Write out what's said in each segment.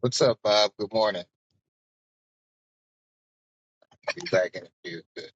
What's up, Bob? Good morning. Be back in a few. Good.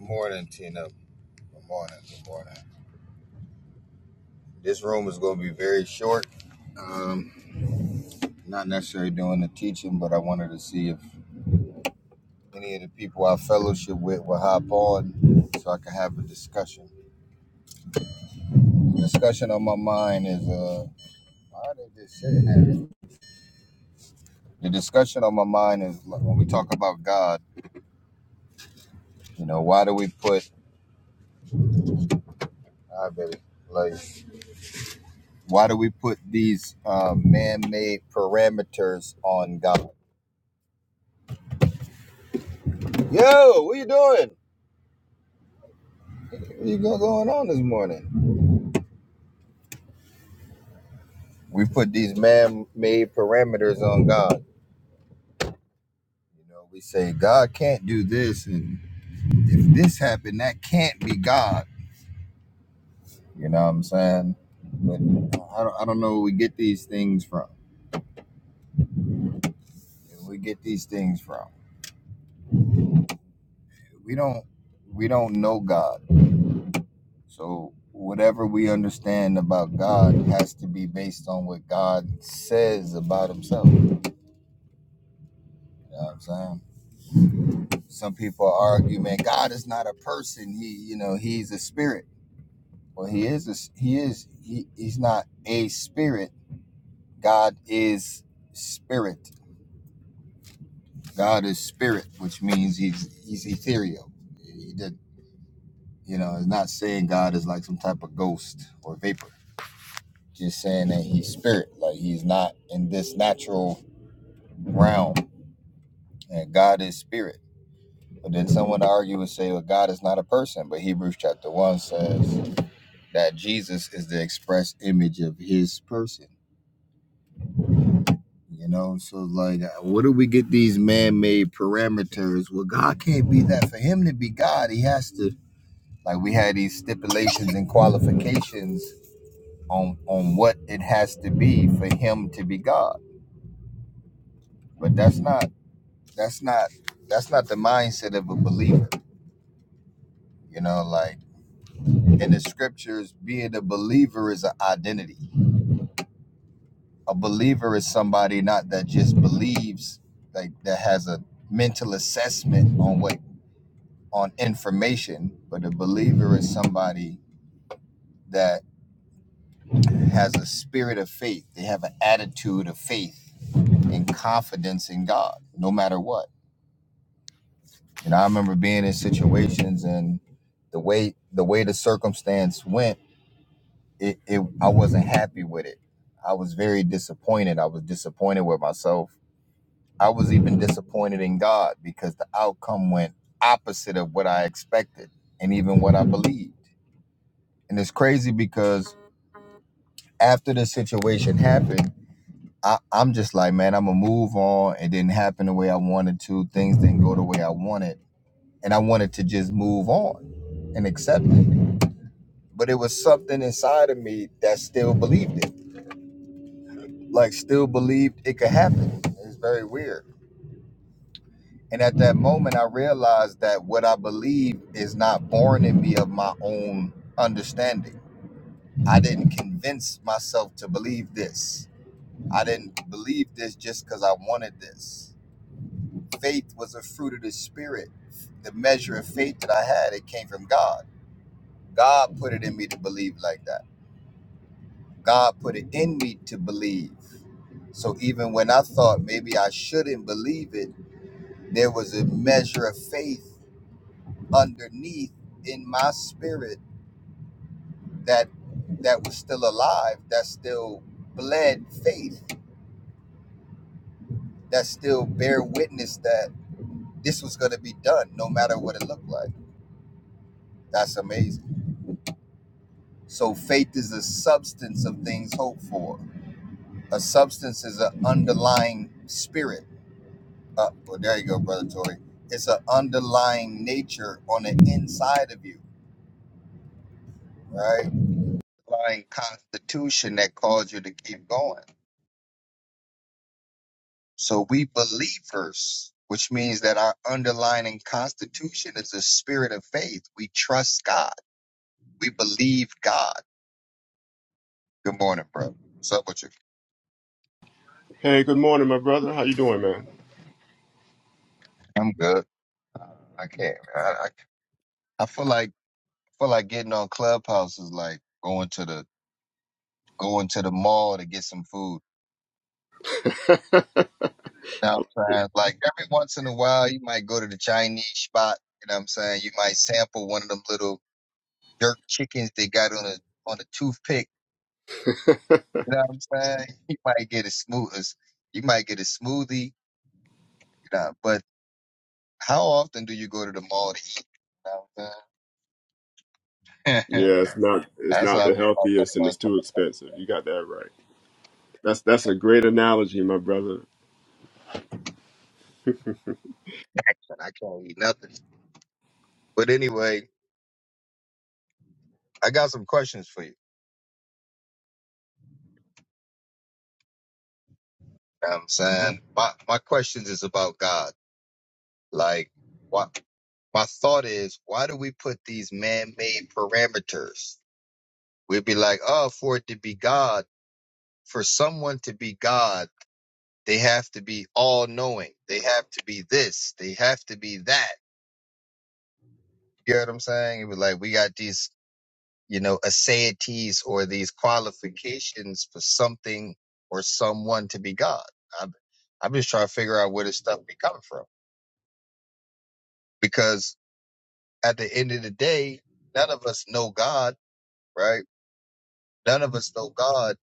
morning, Tina. Good morning. Good morning. This room is going to be very short. Um, not necessarily doing the teaching, but I wanted to see if any of the people I fellowship with will hop on so I can have a discussion. The discussion on my mind is uh, why did this shit happen? The discussion on my mind is like, when we talk about God, you know, why do we put, I baby, love you. Why do we put these uh, man-made parameters on God? Yo, what you doing? What you go- going on this morning? We put these man-made parameters on God. You know, we say God can't do this, and if this happened, that can't be God. You know what I'm saying? But I don't, I don't know where we get these things from. we get these things from. We don't we don't know God. So whatever we understand about God has to be based on what God says about himself. You know what I'm saying? Some people argue, man, God is not a person. He, you know, he's a spirit. Well, he is a, s- he is he, he's not a spirit. God is spirit. God is spirit, which means he's he's ethereal. He did, you know, it's not saying God is like some type of ghost or vapor. Just saying that he's spirit, like he's not in this natural realm and God is spirit. But then someone argue and say, well, God is not a person. But Hebrews chapter 1 says that Jesus is the express image of his person. You know, so like, what do we get these man made parameters? Well, God can't be that. For him to be God, he has to, like, we had these stipulations and qualifications on on what it has to be for him to be God. But that's not that's not that's not the mindset of a believer. You know, like in the scriptures, being a believer is an identity. A believer is somebody not that just believes, like that has a mental assessment on what on information, but a believer is somebody that has a spirit of faith. They have an attitude of faith and confidence in God, no matter what. And I remember being in situations and the way the way the circumstance went it, it I wasn't happy with it. I was very disappointed. I was disappointed with myself. I was even disappointed in God because the outcome went opposite of what I expected and even what I believed. And it's crazy because after the situation happened, I, I'm just like, man, I'm gonna move on. It didn't happen the way I wanted to. Things didn't go the way I wanted. And I wanted to just move on and accept it. But it was something inside of me that still believed it like still believed it could happen. It's very weird. And at that moment, I realized that what I believe is not born in me of my own understanding. I didn't convince myself to believe this. I didn't believe this just because I wanted this. Faith was a fruit of the spirit. The measure of faith that I had, it came from God. God put it in me to believe like that. God put it in me to believe. So even when I thought maybe I shouldn't believe it, there was a measure of faith underneath in my spirit that that was still alive that still bled faith that still bear witness that this was going to be done no matter what it looked like that's amazing so faith is the substance of things hoped for a substance is an underlying spirit uh, well there you go brother Tory. it's an underlying nature on the inside of you right underlying constitution that caused you to keep going. So we believers, which means that our underlying constitution is a spirit of faith. We trust God. We believe God. Good morning, bro. What's up with you? Hey, good morning, my brother. How you doing, I'm good. I can't. I, I, I feel like I feel like getting on Clubhouse is like going to the going to the mall to get some food. man? You know what I'm saying? Like every once in a while, you might go to the Chinese spot. You know what I'm saying? You might sample one of them little jerk chickens they got on a on a toothpick. You know what I'm saying? You might get a smooth, you might get a smoothie. You know, but how often do you go to the mall to eat? You know what I'm saying? Yeah, it's not it's That's how not I the feel like healthiest and I'm it's too going expensive. You got that right. That's that's a great analogy, my brother. action. I can't eat nothing. But anyway, I got some questions for you. You know what I'm saying? My my questions is about God. Like, what? My thought is, why do we put these man-made parameters? We'd be like, oh, for it to be God, for someone to be God They have to be all knowing. They have to be this. They have to be that. You get what I'm saying? It was like we got these, you know, aseities or these qualifications for something or someone to be God. I'm, I'm just trying to figure out where this stuff be coming from because at the end of the day, none of us know God, right? None of us know God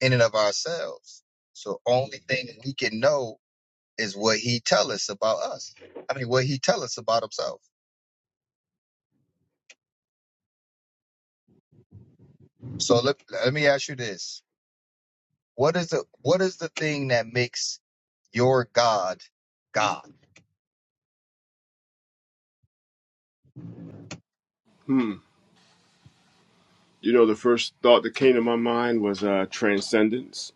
in and of ourselves. So only thing we can know is what He tell us about us. I mean, what He tell us about Himself. So let, let me ask you this. What is the what is the thing that makes your God God? Hmm. You know, the first thought that came to my mind was uh, transcendence.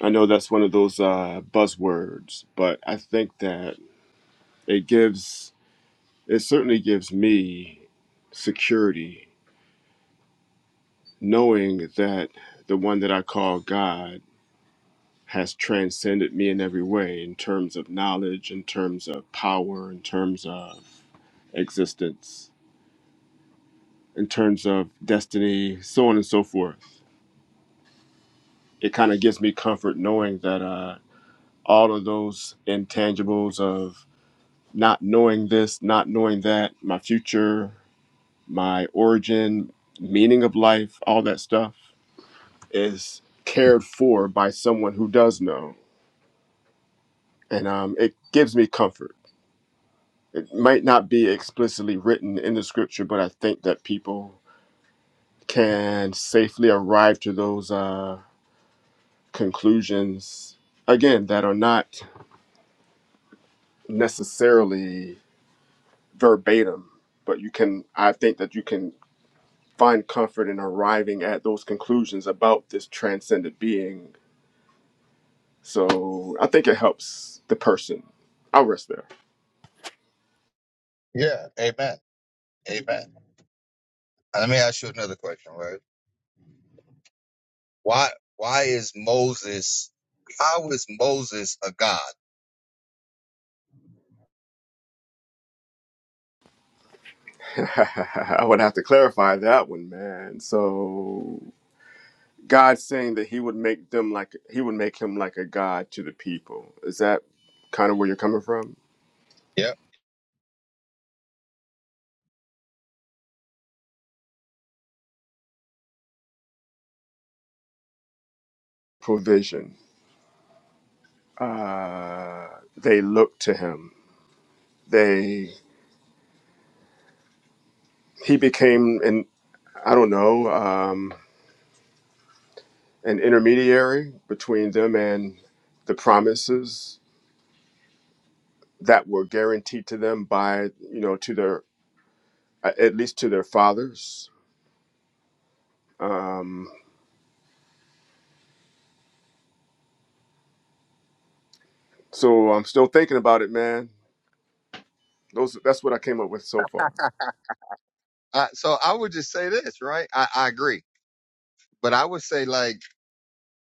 I know that's one of those uh, buzzwords, but I think that it gives it certainly gives me security knowing that the one that I call God has transcended me in every way in terms of knowledge, in terms of power, in terms of existence, in terms of destiny, so on and so forth. It kind of gives me comfort knowing that uh, all of those intangibles of not knowing this, not knowing that, my future, my origin, meaning of life, all that stuff is cared for by someone who does know. And um, it gives me comfort it might not be explicitly written in the scripture, but I think that people can safely arrive to those uh, conclusions again that are not necessarily verbatim, but you can. I think that you can find comfort in arriving at those conclusions about this transcendent being. So I think it helps the person. I'll rest there. Yeah, amen. Amen. Let me ask you another question, right? Why why is Moses how is Moses a God? I would have to clarify that one, man. So God saying that he would make them like he would make him like a god to the people. Is that kind of where you're coming from? Yeah. Provision. Uh, they looked to him. They he became an I don't know um, an intermediary between them and the promises that were guaranteed to them by you know to their at least to their fathers. Um, so I'm still thinking about it, man. Those that's what I came up with so far. I, so I would just say this, right? I, I agree. But I would say like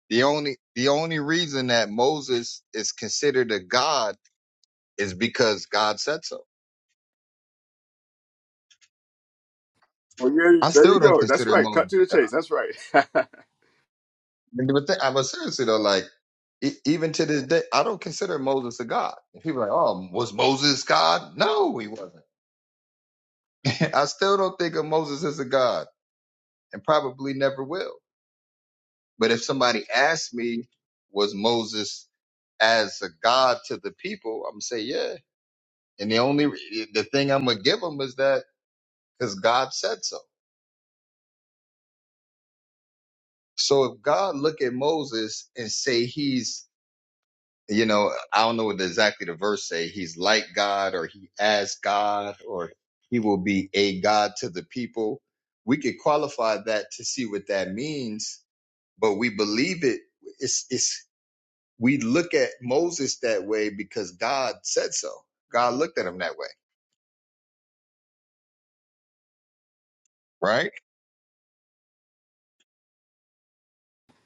the only the only reason that Moses is considered a God is because God said so. Well, yeah, I there you still don't go. That's consider right. Cut Moses. to the chase. That's right. But th- I was seriously though, like e- even to this day, I don't consider Moses a god. And people are like, oh, was Moses God? No, he wasn't. I still don't think of Moses as a god, and probably never will. But if somebody asked me, was Moses as a god to the people? I'm gonna say yeah. And the only re- the thing I'm gonna give them is that because God said so. So if God look at Moses and say he's you know, I don't know what exactly the verse say. He's like God or he as God or he will be a God to the people. We could qualify that to see what that means, but we believe it. It's, it's, we look at Moses that way because God said so. God looked at him that way, right?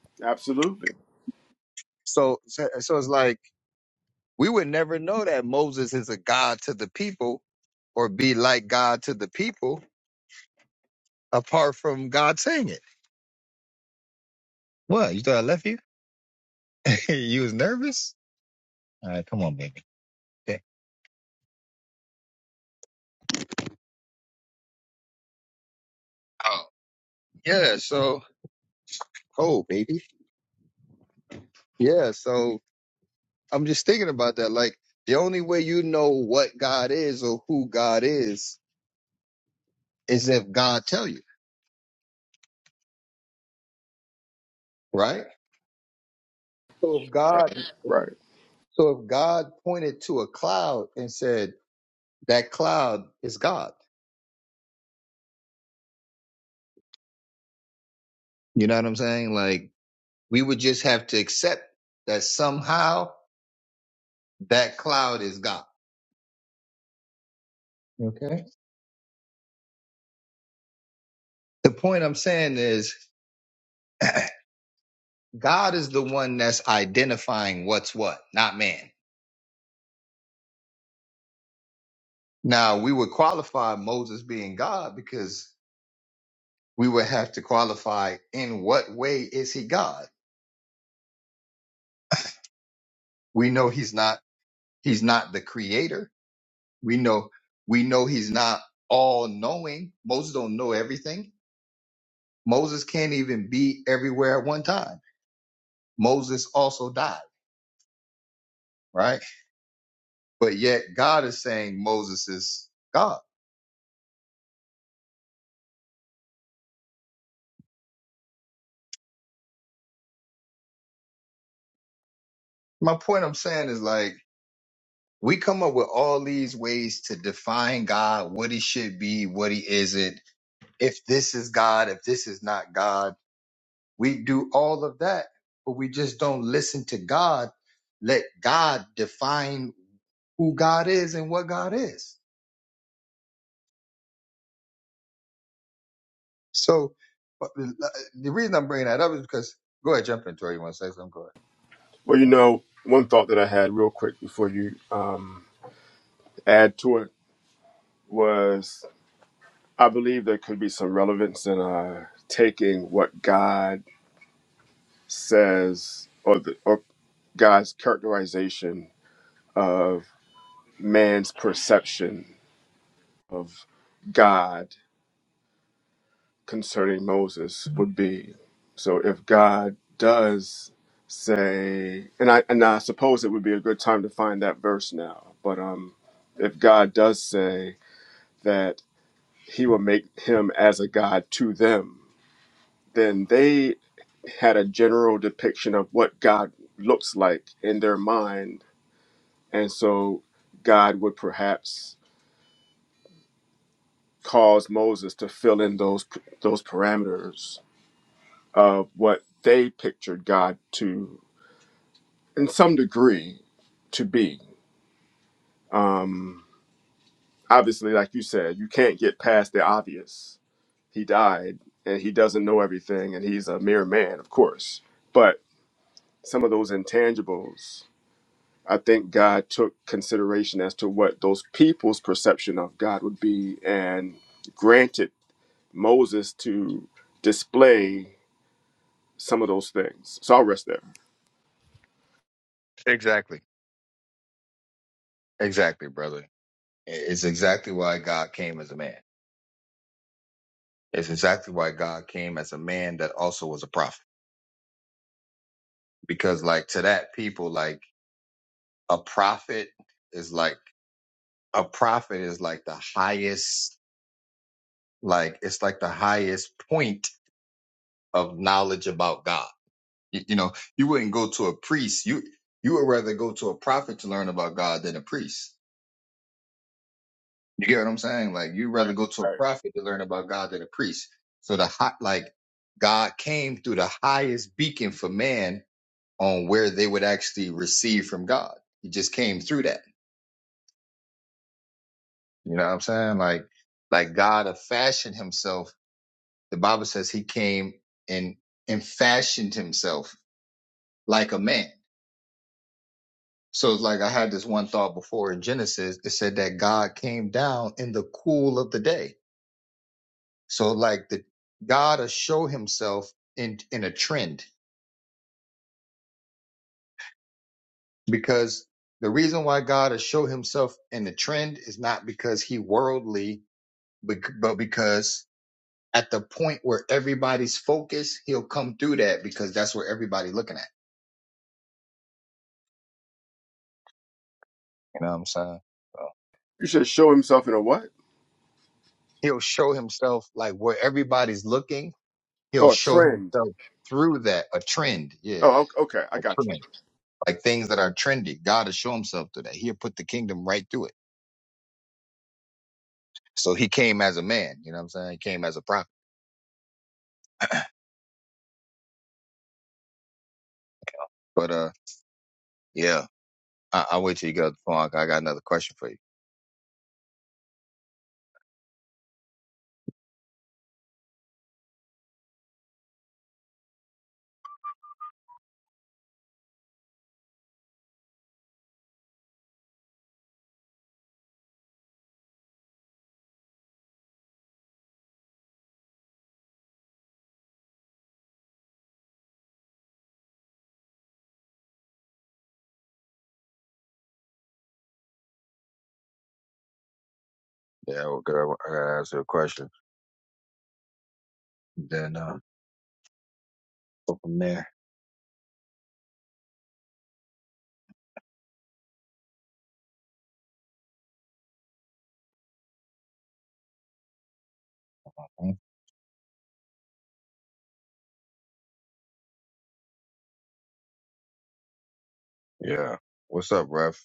Absolutely. So, so so it's like we would never know that Moses is a God to the people or be like God to the people apart from God saying it. What? You thought I left you? you was nervous? All right, come on, baby. Okay. Oh, yeah. So, oh, baby. Yeah. So, I'm just thinking about that. Like, the only way you know what God is or who God is is if God tell you, right? So if God, Right. Right. so if God pointed to a cloud and said that cloud is God, you know what I'm saying? Like, we would just have to accept that somehow that cloud is God. Okay. The point I'm saying is God is the one that's identifying what's what, not man. Now, we would qualify Moses being God because we would have to qualify in what way is he God? We know he's not he's not the creator. We know we know he's not all knowing. Moses don't know everything. Moses can't even be everywhere at one time. Moses also died, right? But yet God is saying Moses is God. My point I'm saying is like we come up with all these ways to define God, what he should be, what he isn't, if this is God, if this is not God. We do all of that, but we just don't listen to God. Let God define who God is and what God is. So but the uh, the reason I'm bringing that up is because, go ahead, jump in, Tori. You want to say something? Go Well, you know, one thought that I had real quick before you um, add to it was I believe there could be some relevance in uh, taking what God says or, the, or God's characterization of man's perception of God concerning Moses would be. So if God does say, and I and I suppose it would be a good time to find that verse now, but um, if God does say that He will make him as a God to them, then they had a general depiction of what God looks like in their mind, and so God would perhaps cause Moses to fill in those those parameters of what they pictured God to, in some degree, to be. Um, obviously, like you said, you can't get past the obvious. He died and he doesn't know everything and he's a mere man, of course. But some of those intangibles, I think God took consideration as to what those people's perception of God would be and granted Moses to display some of those things. So I'll rest there. ahead. Exactly. Exactly, brother. It's exactly why God came as a man. It's exactly why God came as a man that also was a prophet because like to that people like a prophet is like a prophet is like the highest like it's like the highest point of knowledge about god you, you know you wouldn't go to a priest you you would rather go to a prophet to learn about god than a priest you get what i'm saying like you'd Right. rather go to a Right. prophet to learn about god than a priest so the hot like god came through the highest beacon for man on where they would actually receive from god he just came through that You know what I'm saying? Like, like God have fashioned himself. The Bible says he came and and fashioned himself like a man. So it's like I had this one thought before in Genesis. It said that God came down in the cool of the day. So like the God will show himself in in a trend because the reason why God will show himself in a trend is not because he worldly, bec- but because at the point where everybody's focused, he'll come through that because that's where everybody's looking at. You know what I'm saying? So You should show himself in a what? he'll show himself like where everybody's looking, he'll Oh, a show trend. himself through that, a trend. Yeah. Oh, ok- okay. I A got you. trend. Like things that are trendy. God will show himself through that. He'll put the kingdom right through it. So he came as a man, you know what I'm saying? He came as a prophet. But uh yeah. I I'll wait till you get off the phone. I got another question for you. Yeah, well, good. I gotta ask you a question. Then uh go from there. Mhm. Yeah. What's up, Rev?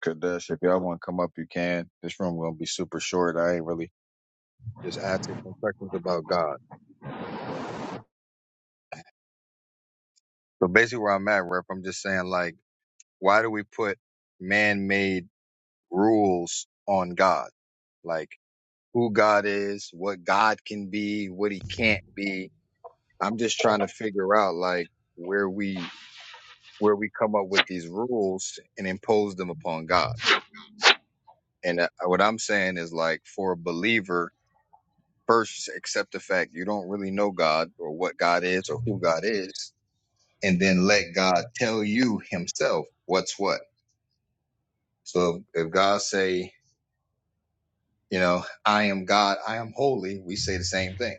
Kadesh. If y'all want to come up, you can. This room gonna be super short. I ain't really just asking some questions about God. So, so basically, where I'm at, Rep, I'm just saying like, why do we put man-made rules on God? Like who God is, what God can be, what He can't be. I'm just trying to figure out like where we where we come up with these rules and impose them upon God. And uh, what I'm saying is like for a believer, First, accept the fact you don't really know God or what God is or who God is, and then let God tell you Himself what's what. So if, if God say, you know, I am God, I am holy, we say the same thing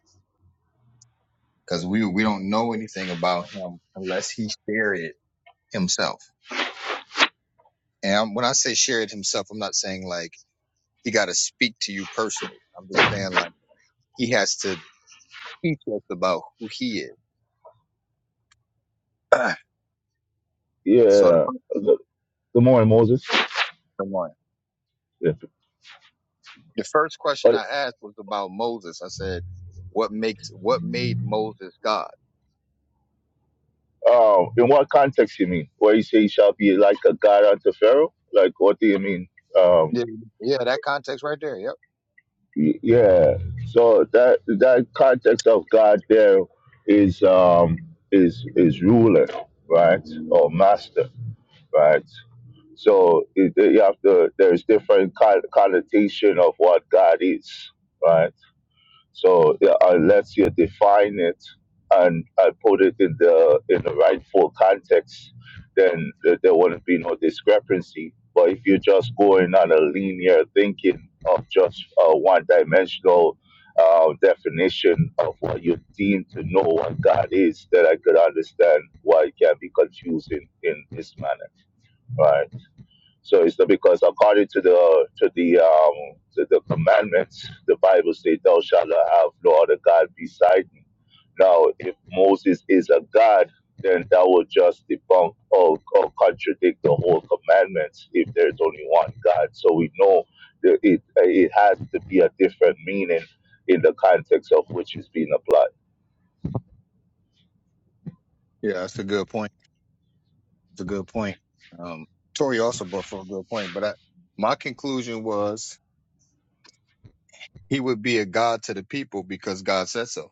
because we we don't know anything about Him unless He shared it Himself. And I'm- when I say shared Himself, I'm not saying like He got to speak to you personally. I'm just saying like He has to teach us about who He is. so the Yeah, first the, the more in Moses. one Yeah. the first question But I asked was about Moses. I said, "What makes what made Moses God?" um, in what context you mean? Where you say he shall be like a god unto Pharaoh? Like what do you mean? Um, Yeah, yeah, that context right there. Yep. y- yeah. So that that context of God there is um is is ruler, right, or master, right. So it, you have to. There's different con- connotation of what God is, right. So yeah, unless you define it and I put it in the in the rightful context, then there, there wouldn't be no discrepancy. But if you're just going on a linear thinking of just a one-dimensional uh, definition of what you deem to know what God is, then I could understand why it can be confusing in this manner, right? So it's not because according to the to the um, to the commandments, the Bible says, "Thou shalt not have no other god beside me." Now, if Moses is a god, then that would just debunk or, or contradict the whole commandments if there's only one God. So we know that it it has to be a different meaning in the context of which it's being applied. Yeah, that's a good point. It's a good point. Um, Tori also brought for a good point, but I, my conclusion was he would be a god to the people because God said so.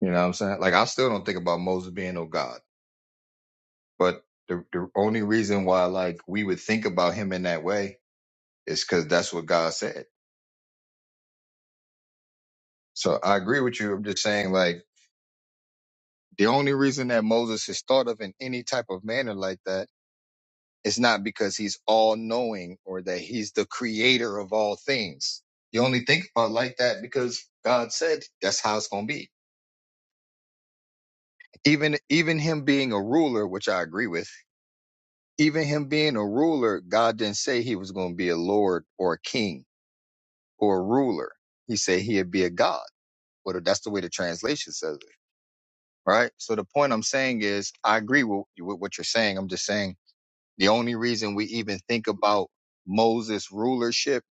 You know what I'm saying? Like I still don't think about Moses being no god, but the the only reason why like we would think about him in that way is because that's what God said. So I agree with you. I'm just saying like The only reason that Moses is thought of in any type of manner like that is not because he's all knowing or that he's the creator of all things. You only think about it like that because God said that's how it's going to be. Even, even him being a ruler, which I agree with, even him being a ruler, God didn't say he was going to be a lord or a king or a ruler. He said he'd be a God. Well, that's the way the translation says it, right? So the point I'm saying is, I agree with, with what you're saying. I'm just saying The only reason we even think about Moses' rulership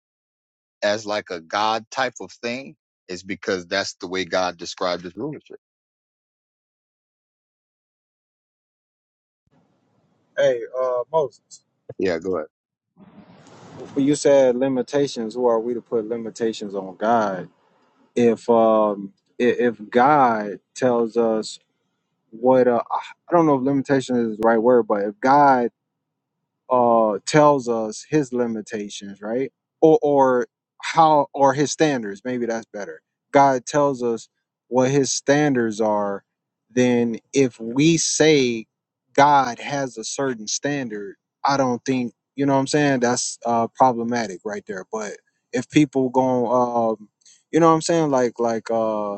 as like a God type of thing is because that's the way God described his rulership. Hey, uh, Moses, Yeah, go ahead. you said limitations, who are we to put limitations on God? If um, i- if God tells us what uh, I don't know if limitation is the right word, but if God uh tells us his limitations right or or how or his standards maybe that's better god tells us what his standards are then if we say god has a certain standard i don't think you know what i'm saying that's uh problematic right there but if people going um you know what i'm saying like like uh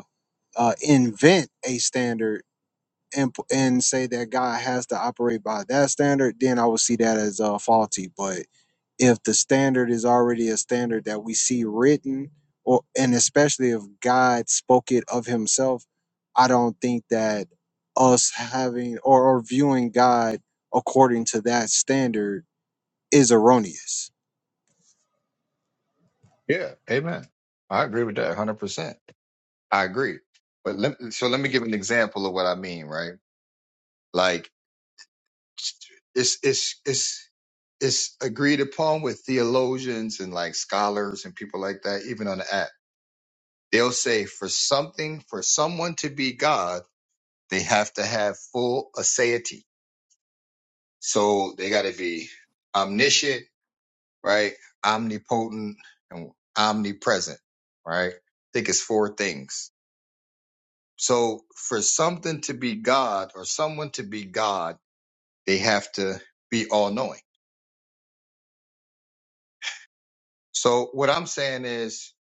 uh invent a standard and p- and say that God has to operate by that standard, then I would see that as uh, faulty. But if the standard is already a standard that we see written, or and especially if God spoke it of Himself, I don't think that us having or, or viewing God according to that standard is erroneous. Yeah, amen. I agree with that 100%. I agree. But let, so let me give an example of what I mean, right? Like it's, it's, it's, it's agreed upon with theologians and like scholars and people like that, even on the app. They'll say for something, for someone to be God, they have to have full aseity So they got to be omniscient, right? Omnipotent and omnipresent, right? I think it's four things. So for something to be God or someone to be God, they have to be all knowing. So what I'm saying is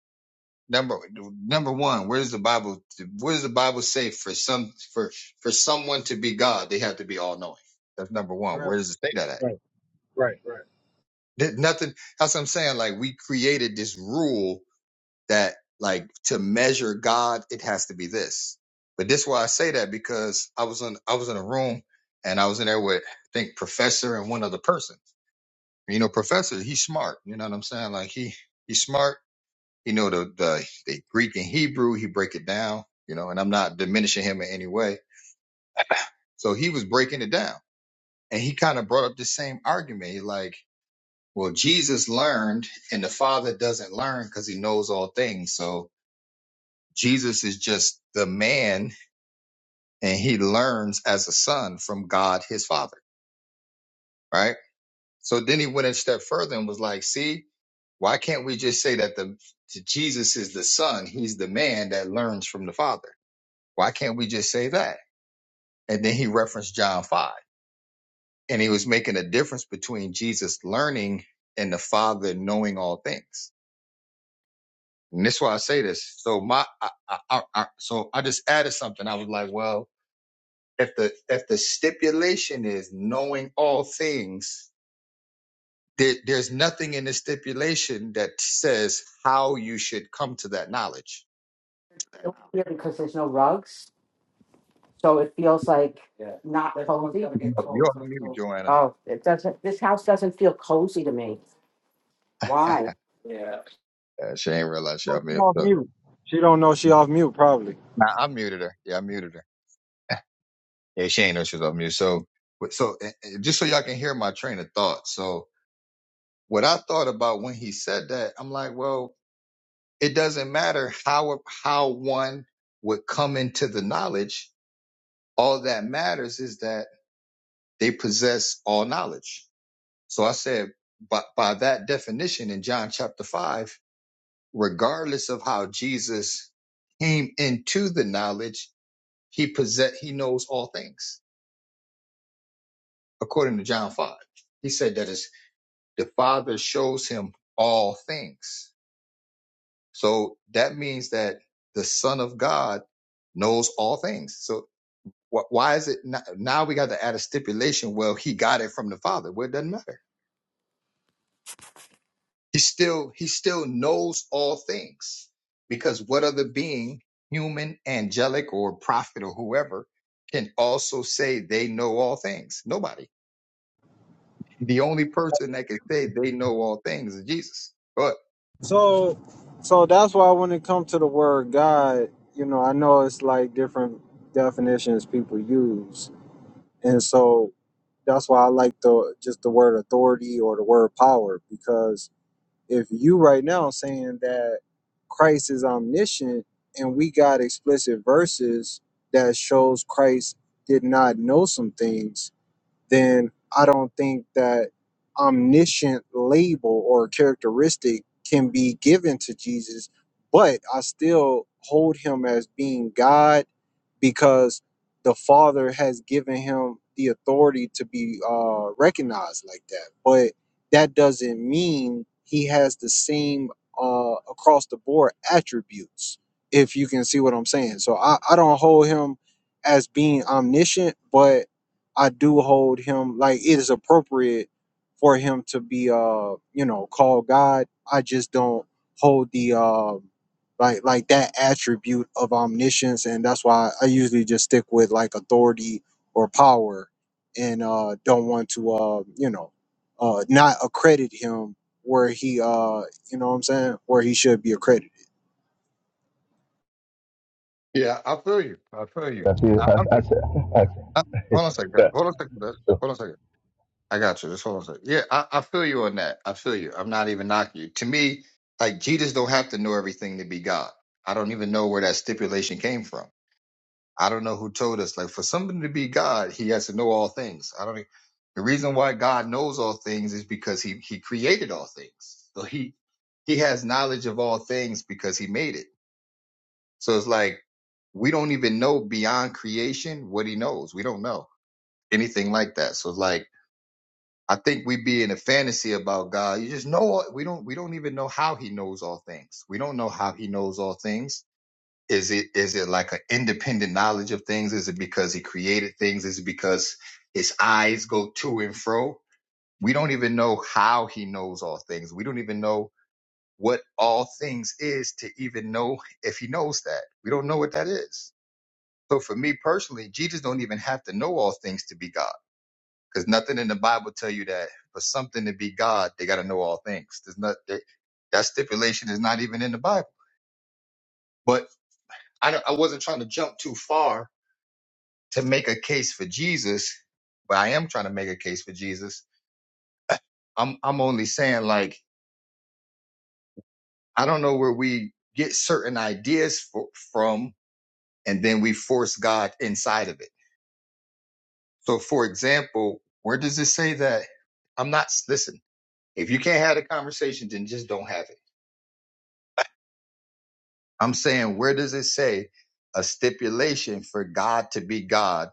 number number one, where does the Bible where does the Bible say for some for for someone to be God, they have to be all knowing? That's number one. Right, Where does it say that at? right, right. right. Th- Nothing. That's what I'm saying. Like we created this rule that like to measure God, it has to be this. But this is why I say that because I was in I was in a room and I was in there with I think professor and one other person. You know, professor, he's smart. You know what I'm saying? Like he he's smart. He know the the, the Greek and Hebrew. He break it down. You know, and I'm not diminishing him in any way. So he was breaking it down, and he kind of brought up the same argument. He Like, well, Jesus learned, and the Father doesn't learn because he knows all things. So Jesus is just the man and he learns as a son from God his father, right? So then he went a step further and was like, see, why can't we just say that the that Jesus is the son, he's the man that learns from the father? Why can't we just say that? And then he referenced John 5. And he was making a difference between Jesus learning and the father knowing all things. And that's why I say this. So my I, I, I, I- so I just added something. I was like, well, if the if the stipulation is knowing all things there, there's nothing in the stipulation that says how you should come to that knowledge here because there's no rugs, so it feels like Yeah. not That's why we cozy. gotta get Oh, you're clothes. on Look at mute those. joanna Oh, it doesn't. This house doesn't feel cozy to me. Why? Yeah. Uh, she ain't realize she Oh, on she mute off so mute. She don't know she off mute probably. nah, i muted her yeah i muted her yeah she ain't know she was on mute so so uh, uh, just so y'all can hear my train of thought so what i thought about when he said that i'm like well it doesn't matter how how one would come into the knowledge all that matters is that They possess all knowledge. So I said, by, by that definition in John chapter 5, regardless of how Jesus came into the knowledge, he possess, he knows all things. According to John 5, he said that is the Father shows him all things. So that means that the Son of God knows all things. So wh- why is it not, now we got to add a stipulation? Well, he got it from the Father. Well, it doesn't matter He still he still knows all things because what other being, human, angelic, or prophet or whoever, can also say they know all things? Nobody. The only person that can say they know all things is Jesus. But So, so that's why when it comes to the word God, you know, I know it's like different definitions people use, and so that's why I like the just the word authority or the word power because if you right now saying that Christ is omniscient and we got explicit verses that shows Christ did not know some things then I don't think that omniscient label or characteristic can be given to Jesus, but I still hold him as being God because the Father has given him the authority to be uh, recognized like that. But that doesn't mean he has the same uh, across the board attributes, if you can see what I'm saying. So I, I don't hold him as being omniscient, but I do hold him like it is appropriate for him to be uh you know called God. I just don't hold the uh like like that attribute of omniscience, and that's why I usually just stick with like authority or power, and uh don't want to uh you know uh not accredit him where he uh you know what I'm saying where he should be accredited. yeah, I feel you. I feel you. That's it. I, I'm, That's, that's, I, hold on a second. that's, Hold on a second. Des. Hold on a second. I got you. Just hold on a second. Yeah, I, I feel you on that. I feel you. I'm not even knocking you. To me, like Jesus don't have to know everything to be God. I don't even know where that stipulation came from I don't know who told us. Like for somebody to be God, he has to know all things. I don't. e, The reason why God knows all things is because he he created all things. So he he has knowledge of all things because he made it. So it's like we don't even know beyond creation what he knows. We don't know anything like that. So it's like I think we be in a fantasy about God. You just know all- we don't we don't even know how he knows all things. We don't know how he knows all things is it is it like an independent knowledge of things? Is it because he created things? Is it because his eyes go to and fro? We don't even know how he knows all things. We don't even know what all things is to even know if he knows that. We don't know what that is. So for me personally, Jesus don't even have to know all things to be God. Because nothing in the Bible tell you that for something to be God, they gotta know all things. There's not that that stipulation is not even in the Bible. But I, don't- I wasn't trying to jump too far to make a case for Jesus, but I am trying to make a case for Jesus. I'm I'm only saying like I don't know where we get certain ideas for, from, and then we force God inside of it. So, for example, where does it say that I'm not listen? If you can't have a conversation, then just don't have it. I'm saying where does it say a stipulation for God to be God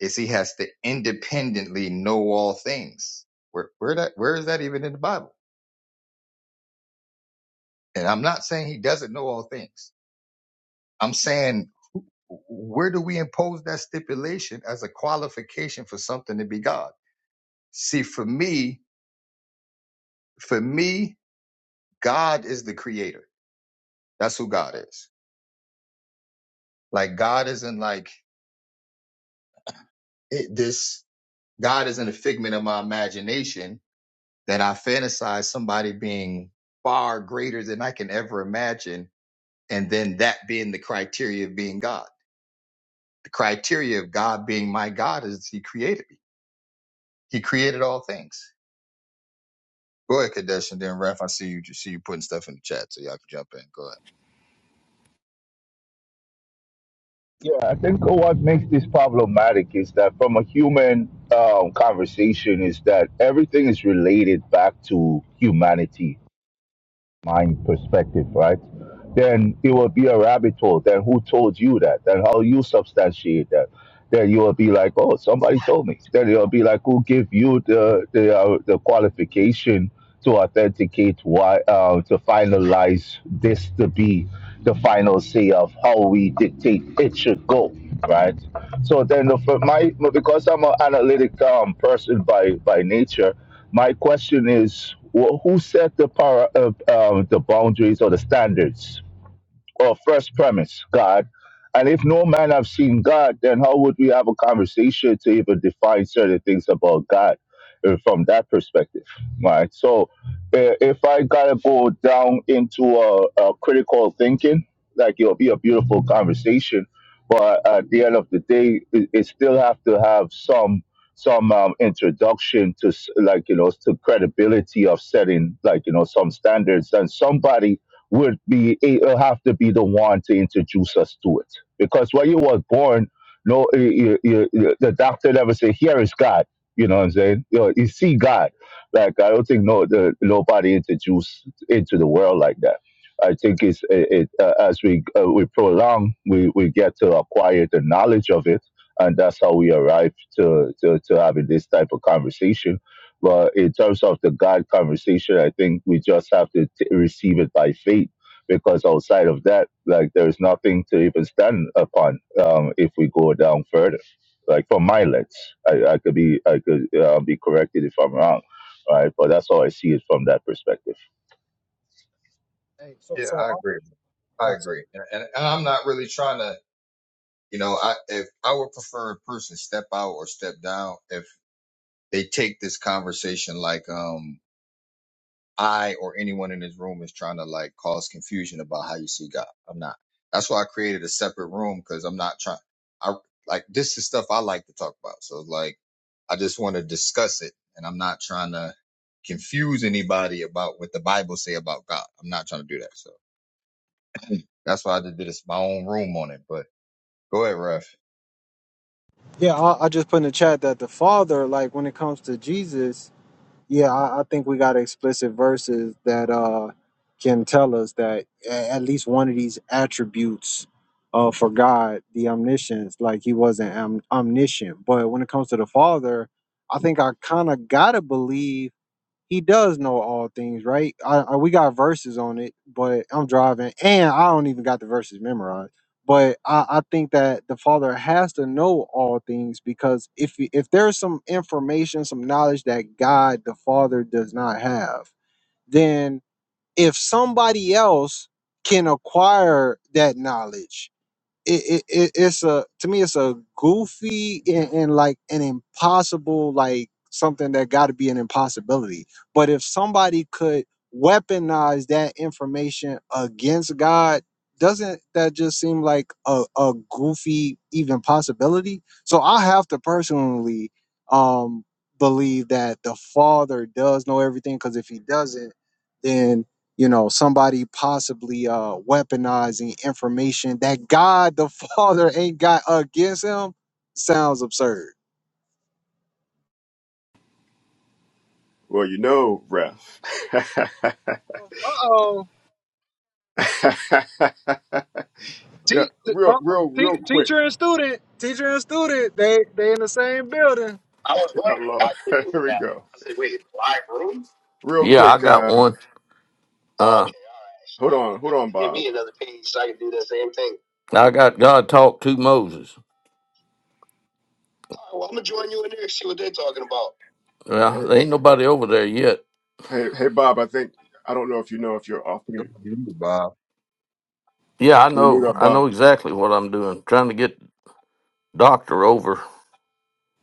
is He has to independently know all things? Where where that where is that even in the Bible? And I'm not saying he doesn't know all things. I'm saying, where do we impose that stipulation as a qualification for something to be God? See, for me, for me, God is the creator. That's who God is. Like God isn't like it, this. God isn't a figment of my imagination that I fantasize somebody being far greater than I can ever imagine. And then that being the criteria of being God. The criteria of God being my God is he created me. He created all things. Go ahead, Kadesh, and then Raf. I see you. See you putting stuff in the chat, so y'all can jump in. Go ahead. Yeah, I think what makes this problematic is that from a human um, conversation is that everything is related back to humanity mind perspective, right? Then it will be a rabbit hole. Then who told you that? Then how you substantiate that? Then you will be like, oh, somebody told me. Then it'll be like, who give you the the uh, the qualification to authenticate why uh, to finalize this to be the final say of how we dictate it should go, right? So then the, for my because I'm an analytic um, person by by nature, my question is, wh- who set the par- uh, uh, the boundaries or the standards well, first premise, God. And if no man have seen God, then how would we have a conversation to even define certain things about God uh, from that perspective, right? So, uh, if I gotta go down into a, a critical thinking, like it'll be a beautiful conversation, but at the end of the day, it, it still have to have some some um, introduction to s- like you know to credibility of setting like you know some standards and somebody would be it'll have to be the one to introduce us to it. Because when you was born, no, you, you, you, the doctor never said, "Here is God." You know what I'm saying? You, know, you see God. Like I don't think no, the, nobody introduced into the world like that. I think it's it, it uh, as we uh, we prolong, we, we get to acquire the knowledge of it, and that's how we arrive to to, to having this type of conversation but in terms of the God conversation, I think we just have to t- receive it by faith because outside of that, like there's nothing to even stand upon um, if we go down further. Like from my lens, I, I could be I could uh, be corrected if I'm wrong, right? But that's how I see it from that perspective. Hey, so Yeah, so I agree. I also agree, and, and, and I'm not really trying to. You know, I if I would prefer a person step out or step down if they take this conversation like um I or anyone in this room is trying to like cause confusion about how you see God. I'm not. That's why I created a separate room because I'm not trying. I like this is stuff I like to talk about. So like, I just want to discuss it, and I'm not trying to confuse anybody about what the Bible say about God. I'm not trying to do that. So that's why I just did this my own room on it. But go ahead, Ref. yeah, I, I just put in the chat that the Father like when it comes to Jesus. Yeah, I, I think we got explicit verses that uh, can tell us that a- at least one of these attributes uh, for God, the omniscience, like he wasn't om- omniscient. But when it comes to the Father, I think I kind of got to believe he does know all things, right? I, I we got verses on it, but I'm driving and I don't even got the verses memorized. But I, I think that the father has to know all things because if he- if there's some information, some knowledge that God the Father does not have, then if somebody else can acquire that knowledge, it, it, it it's a to me it's a goofy and, and like an impossible like something that got to be an impossibility but if somebody could weaponize that information against god doesn't that just seem like a, a goofy even possibility so i have to personally um believe that the father does know everything because if he doesn't then you know somebody possibly uh weaponizing information that god the father ain't got against him sounds absurd Well, you know, ref. Uh-oh. yeah, Te- t- uh, real, real, te- real quick. teacher and student, teacher and student, they they in the same building. Oh, Lord. Here we go. Real Yeah, I quick. got Uh, one. Uh, hold on, hold on, Bob. I got God talk to Moses. Yeah, Hey, there ain't nobody over there yet. hey, hey, Bob. I think I don't know if you know if you're off You're mute. on mute, Bob. Yeah, I Can you mute know. up, I Bob? know exactly what I'm doing. Trying to get Doctor over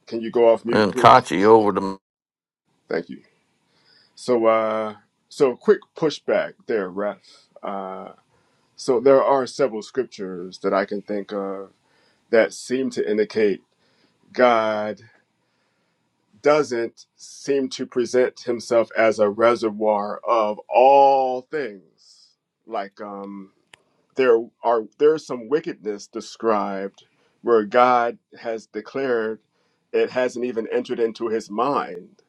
Can you go off mute, and please? Kachi over to. Thank you. So, uh, so quick pushback there, ref. Uh, so there are several scriptures that I can think of that seem to indicate God doesn't seem to present himself as a reservoir of all things. Like um, there are there's some wickedness described where God has declared it hasn't even entered into his mind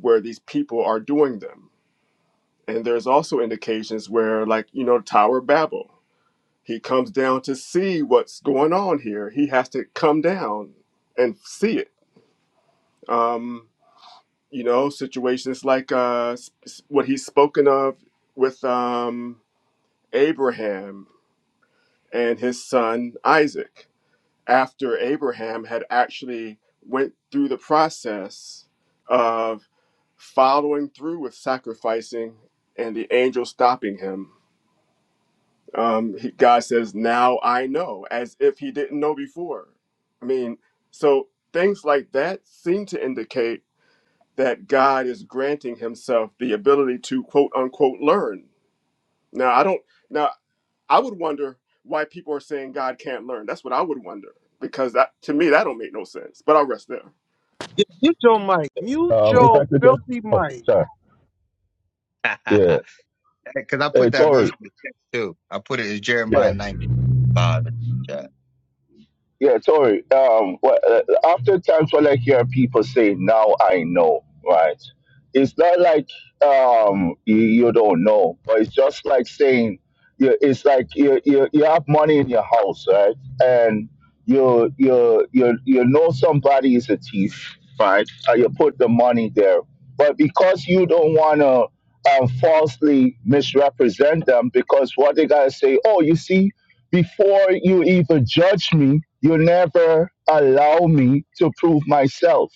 where these people are doing them. And there's also indications where, like, you know, Tower of Babel, he comes down to see what's going on here. He has to come down and see it. Um, you know situations like uh what he's spoken of with um Abraham and his son Isaac after Abraham had actually went through the process of following through with sacrificing and the angel stopping him um he, God says now I know as if he didn't know before I mean so things like that seem to indicate that God is granting himself the ability to quote unquote learn. Now, I don't, now I would wonder why people are saying God can't learn. That's what I would wonder because that, to me, that don't make no sense, but I'll rest there. Yeah, mute your mic mute Um, if your I could just, filthy oh, mic sorry, yeah, Because I put it's that all verse right. in the chat too. I put it in Yeah, Jeremiah 19. five. yeah, sorry. Um, well, uh, oftentimes when I hear people say, "Now I know," right? It's not like um you, you don't know, but it's just like saying, you, it's like you, you you have money in your house, right? And you you you you know somebody is a thief, right? Uh, you put the money there, but because you don't wanna um, falsely misrepresent them, because what they gotta say, oh, you see before you even judge me, you never allow me to prove myself,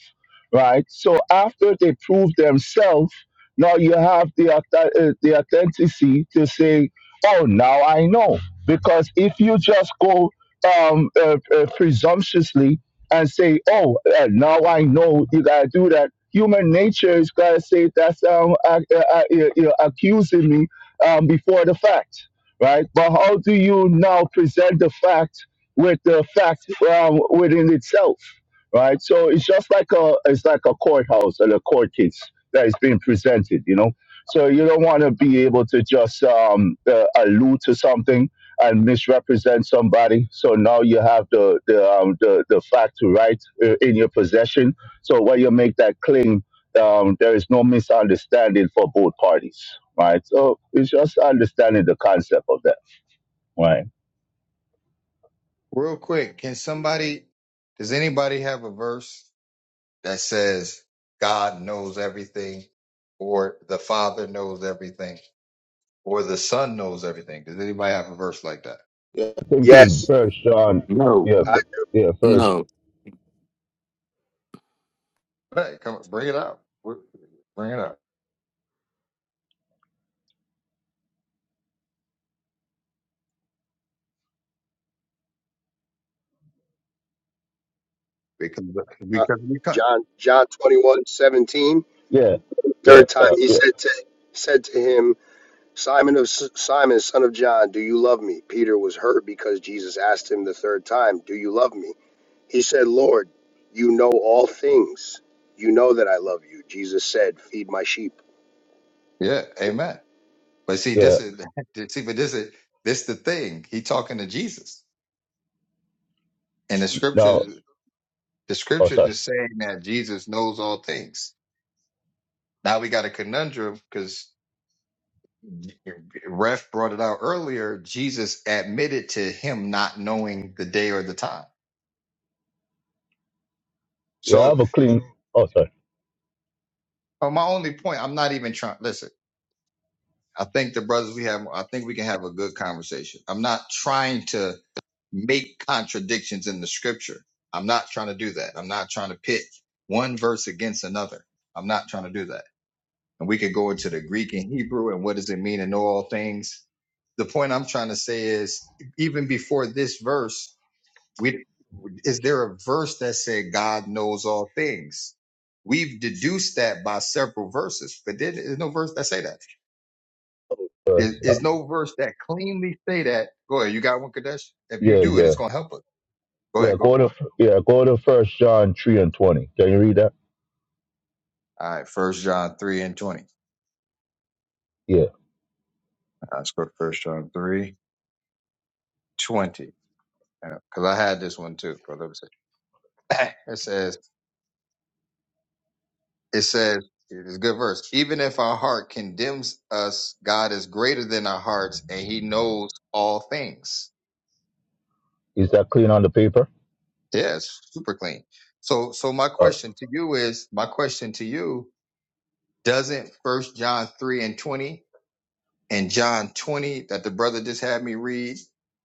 right? So after they prove themselves, now you have the auth- uh, the authenticity to say, "Oh, now I know." Because if you just go um, uh, uh, presumptuously and say, "Oh, uh, now I know," you gotta do that. Human nature is gonna say that's um, uh, uh, uh, you're accusing me um, before the fact right? But how do you now present the fact with the fact um, within itself, right? So it's just like a it's like a courthouse and a court case that is being presented, you know. So you don't want to be able to just um, uh, allude to something and misrepresent somebody. So now you have the the um, the, the fact to right uh, in your possession. So when you make that claim um, there is no misunderstanding for both parties, right? So it's just understanding the concept of that, right? Real quick, can somebody, does anybody have a verse that says God knows everything, or the Father knows everything, or the Son knows everything? Does anybody have a verse like that? Yeah, I think it's Yes, first John. No, Yeah, I, fir- yeah, first. no. Hey, come bring it out. We're- Bring it out because uh, because we can. John John 21 Yeah, yeah, Third time uh, he yeah, said to said to him, Simon of S- Simon, son of John, do you love me? Peter was hurt because Jesus asked him the third time, Do you love me? He said, Lord, you know all things. You know that I love you. Jesus said, Feed my sheep. Yeah, Amen. But see, yeah. this is see, but this is this the thing. He talking to Jesus, and the Now, scriptures the oh scriptures sorry. is saying that Jesus knows all things. Now we got a conundrum because. Ref brought it out earlier. Jesus admitted to him not knowing the day or the time. Yeah, I So have a clean. Oh sorry. uh, my only point, I'm not even trying. Listen, I think the brothers we have, I think we can have a good conversation. I'm not trying to make contradictions in the scripture. I'm not trying to do that. I'm not trying to pit one verse against another. I'm not trying to do that. And we could go into the Greek and Hebrew and what does it mean to know all things. The point I'm trying to say is even before this verse, We, is there a verse that said God knows all things? We've deduced that by several verses, but there is no verse that say that. There First, uh, is no verse that cleanly say that. Go ahead, you got one, Kadesh. If you yeah, do it, yeah, it's gonna help us. Go yeah. ahead, go Go for to it. yeah, go to First John three and twenty. Can you read that? All right, First John three and twenty. All Yeah, right, Let's go to First John three twenty. Because I had this one too. But let me see. It says, it says, it's a good verse. Even if our heart condemns us, God is greater than our hearts, and He knows all things. is that clean on the paper? Yeah, it's super clean. So so my Uh, question to you is my question to you, doesn't first John three and twenty and John twenty that the brother just had me read,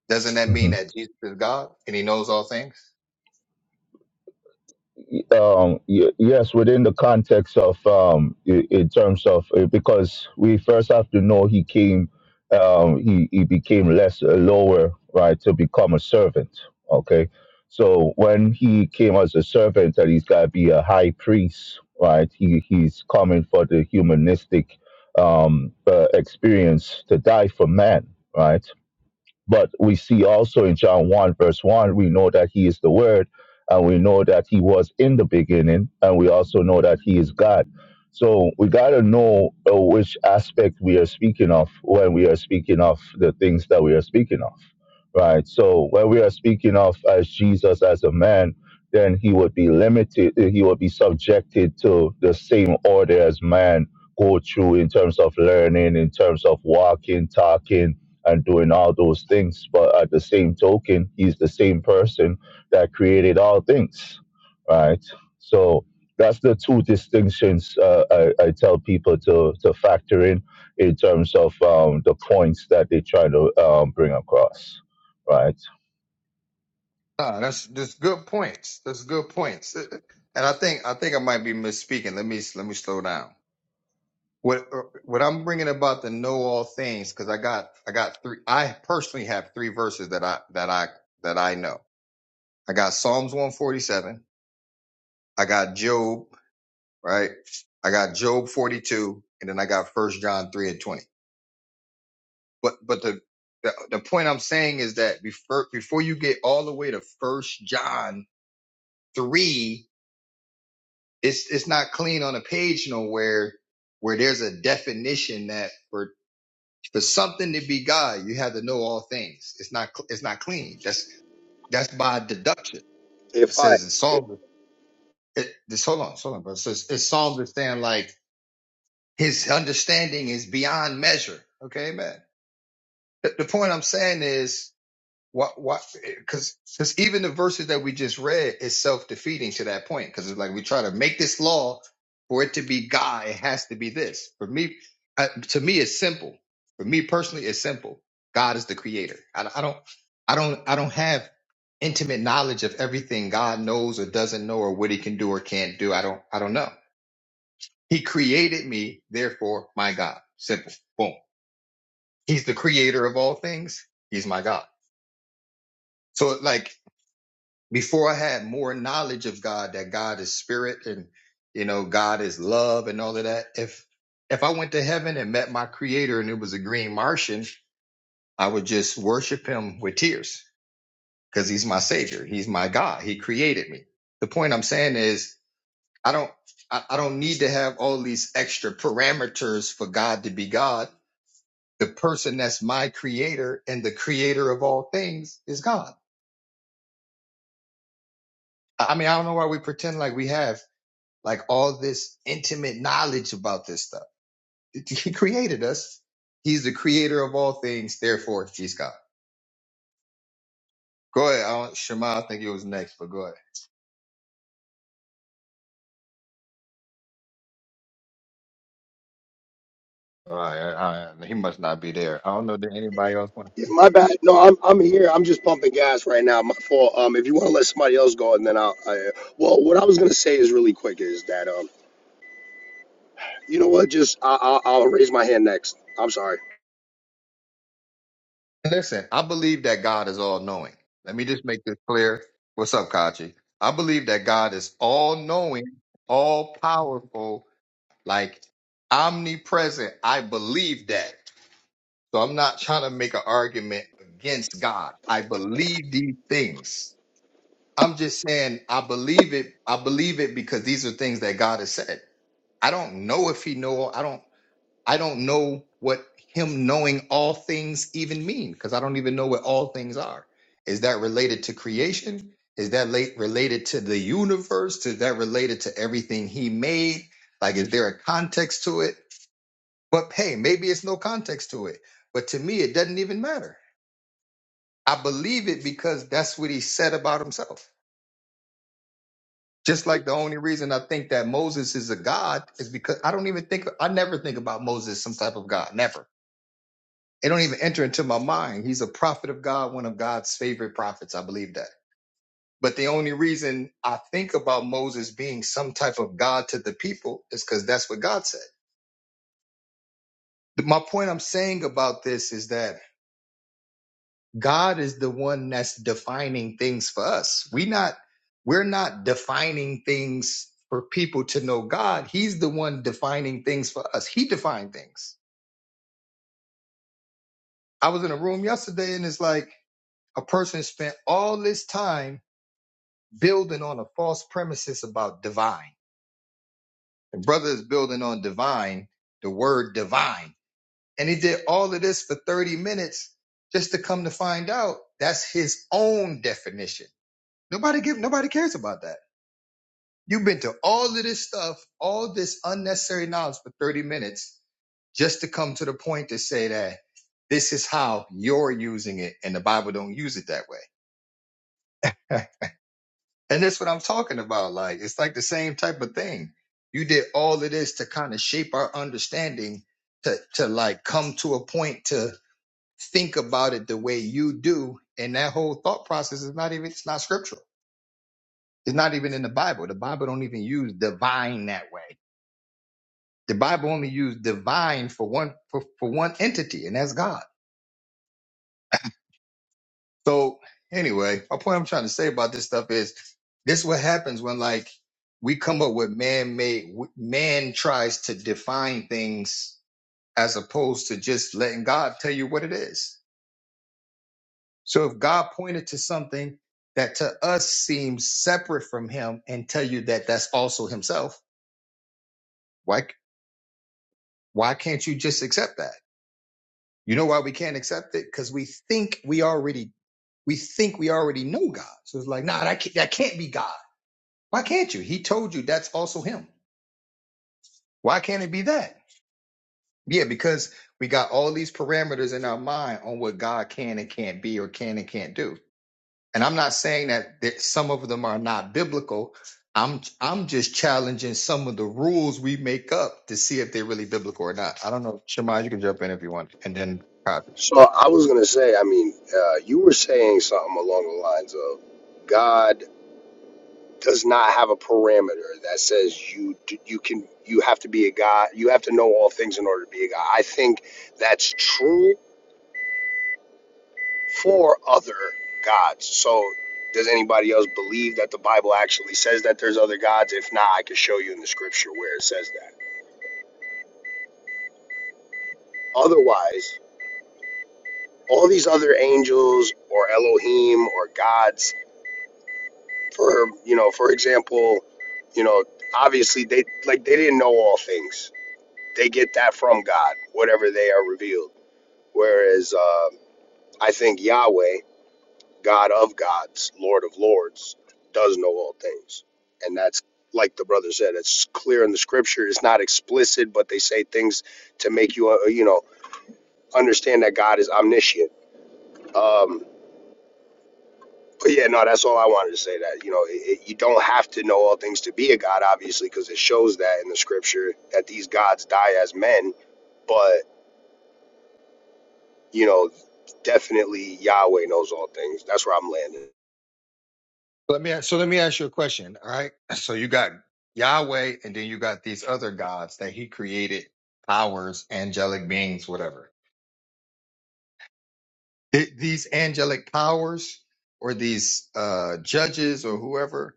doesn't that mhm. mean that Jesus is God and he knows all things? um, y- yes, within the context of um, i- in terms of uh, because we first have to know he came, um, he he became less uh, lower right to become a servant. Okay, so when he came as a servant, that he's got to be a high priest, right? He he's coming for the humanistic um, uh, experience to die for man, right? But we see also in John 1, verse 1, we know that he is the Word, and we know that he was in the beginning, and we also know that he is God. So we got to know uh, which aspect we are speaking of when we are speaking of the things that we are speaking of, right? So when we are speaking of as Jesus as a man, then he would be limited, uh, he would be subjected to the same order as man go through in terms of learning, in terms of walking, talking, and doing all those things. But at the same token, he's the same person that created all things, right? So that's the two distinctions uh, I, I tell people to, to factor in in terms of um, the points that they try to um, bring across, right? Ah, that's that's good points. That's good points. And I think I think I might be misspeaking. Let me let me slow down. What uh, what I'm bringing about the know all things because I got I got three. I personally have three verses that I that I that I know. I got Psalms 147. I got Job, right? I got Job 42, and then I got First John 3 and 20. But but the the, the point I'm saying is that before before you get all the way to First John 3, it's it's not clean on a page nowhere where there's a definition that for for something to be God, you have to know all things. It's not cl- it's not clean. That's that's by deduction. It If I says in Psalms. It, this hold on, hold on, bro. It says it's Psalms is saying like His understanding is beyond measure. Okay, amen. The, the point I'm saying is what what because because even the verses that we just read is self defeating to that point because it's like we try to make this law for it to be God, it has to be this. For me, uh, to me, it's simple. For me personally, it's simple. God is the creator. I, I don't I don't I don't have intimate knowledge of everything God knows or doesn't know or what He can do or can't do. I don't I don't know. He created me, therefore my God. Simple. Boom. He's the creator of all things. He's my God. So like before I had more knowledge of God that God is spirit and you know God is love and all of that. If if I went to heaven and met my creator and it was a green Martian, I would just worship him with tears because he's my savior. He's my God. He created me. The point I'm saying is I don't I, I don't need to have all these extra parameters for God to be God the person that's my creator and the creator of all things is God. I mean, I don't know why we pretend like we have like all this intimate knowledge about this stuff. He created us. He's the creator of all things. Therefore, he's God. Go ahead. I don't, Shema, I think it was next, but go ahead. All right. All right. He must not be there. I don't know. Did anybody else want? yeah, my bad. No, I'm I'm here. I'm just pumping gas right now. My fault. Um, if you want to let somebody else go, and then I'll. I, well, what I was gonna say is really quick is that um, You know what? Just I, I'll, I'll raise my hand next. I'm sorry. Listen, I believe that God is all knowing. Let me just make this clear. What's up, Kachi? I believe that God is all knowing, all powerful, like omnipresent. I believe that. So I'm not trying to make an argument against God. I believe these things. I'm just saying I believe it. I believe it because these are things that God has said. I don't know if he know I don't I don't know what him knowing all things even mean because I don't even know what all things are. Is that related to creation? Is that late related to the universe? Is that related to everything he made? Like is there a context to it? But hey, maybe it's no context to it. But to me it doesn't even matter. I believe it because that's what he said about himself. Just like the only reason I think that Moses is a god is because I don't even think I never think about Moses as some type of god. Never. It don't even enter into my mind. He's a prophet of God, one of God's favorite prophets. I believe that. But the only reason I think about Moses being some type of God to the people is because that's what God said. My point I'm saying about this is that God is the one that's defining things for us. We not we're not defining things for people to know God. He's the one defining things for us. He defined things. I was in a room yesterday and it's like a person spent all this time building on a false premises about divine. The brother is building on divine, the word divine. And he did all of this for 30 minutes just to come to find out that's his own definition. Nobody give nobody cares about that. You've been to all of this stuff, all this unnecessary knowledge for 30 minutes just to come to the point to say that this is how you're using it and the Bible don't use it that way. and that's what I'm talking about. Like, it's like the same type of thing. You did all of this to kind of shape our understanding to, to like come to a point to think about it the way you do. And that whole thought process is not even, it's not scriptural. It's not even in the Bible. The Bible don't even use divine that way The Bible only used divine for one for, for one entity, and that's God. So anyway, my point I'm trying to say about this stuff is this what happens when like we come up with man-made man tries to define things as opposed to just letting god tell you what it is so if god pointed to something that to us seems separate from him and tell you that that's also himself why why can't you just accept that you know why we can't accept it because we think we already we think we already know God. So it's like, nah, that can't, that can't be God. Why can't you? He told you that's also Him. Why can't it be that? Yeah, because we got all these parameters in our mind on what God can and can't be or can and can't do. And I'm not saying that, that some of them are not biblical. I'm I'm just challenging some of the rules we make up to see if they're really biblical or not. I don't know, Shemai, you can jump in if you want, and then Cosby. So I was gonna say. I mean, uh, you were saying something along the lines of God does not have a parameter that says you you can you have to be a God. You have to know all things in order to be a God. I think that's true for other gods. So does anybody else believe that the Bible actually says that there's other gods? If not, I can show you in the scripture where it says that. Otherwise. all these other angels or Elohim or gods for you know for example you know obviously they like they didn't know all things they get that from God whatever they are revealed whereas uh, I think Yahweh God of gods Lord of lords does know all things and that's like the brother said it's clear in the scripture it's not explicit but they say things to make you uh, you know understand that God is omniscient um But yeah, no, that's all I wanted to say. That you know, it, it, you don't have to know all things to be a god, obviously, because it shows that in the scripture that these gods die as men. But you know, definitely Yahweh knows all things. That's where I'm landing. Let me so let me ask you a question. All right. So you got Yahweh and then you got these other gods that he created, powers, angelic beings, whatever. Th- These angelic powers or these uh judges or whoever,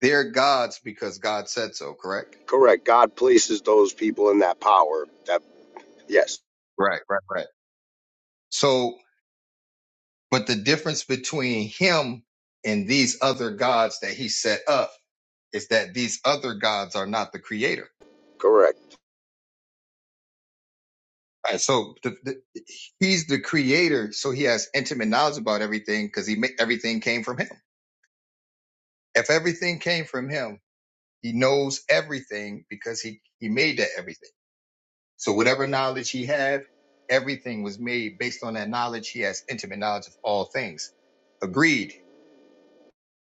they're gods because God said so, correct? Correct. God places those people in that power. That yes, Right, right, right. So but the difference between him and these other gods that he set up is that these other gods are not the creator. correct. All Right, so the, the, he's the creator, so he has intimate knowledge about everything because he ma- everything came from him. If everything came from him, he knows everything because he he made that everything. So whatever knowledge he had, everything was made based on that knowledge. He has intimate knowledge of all things. Agreed.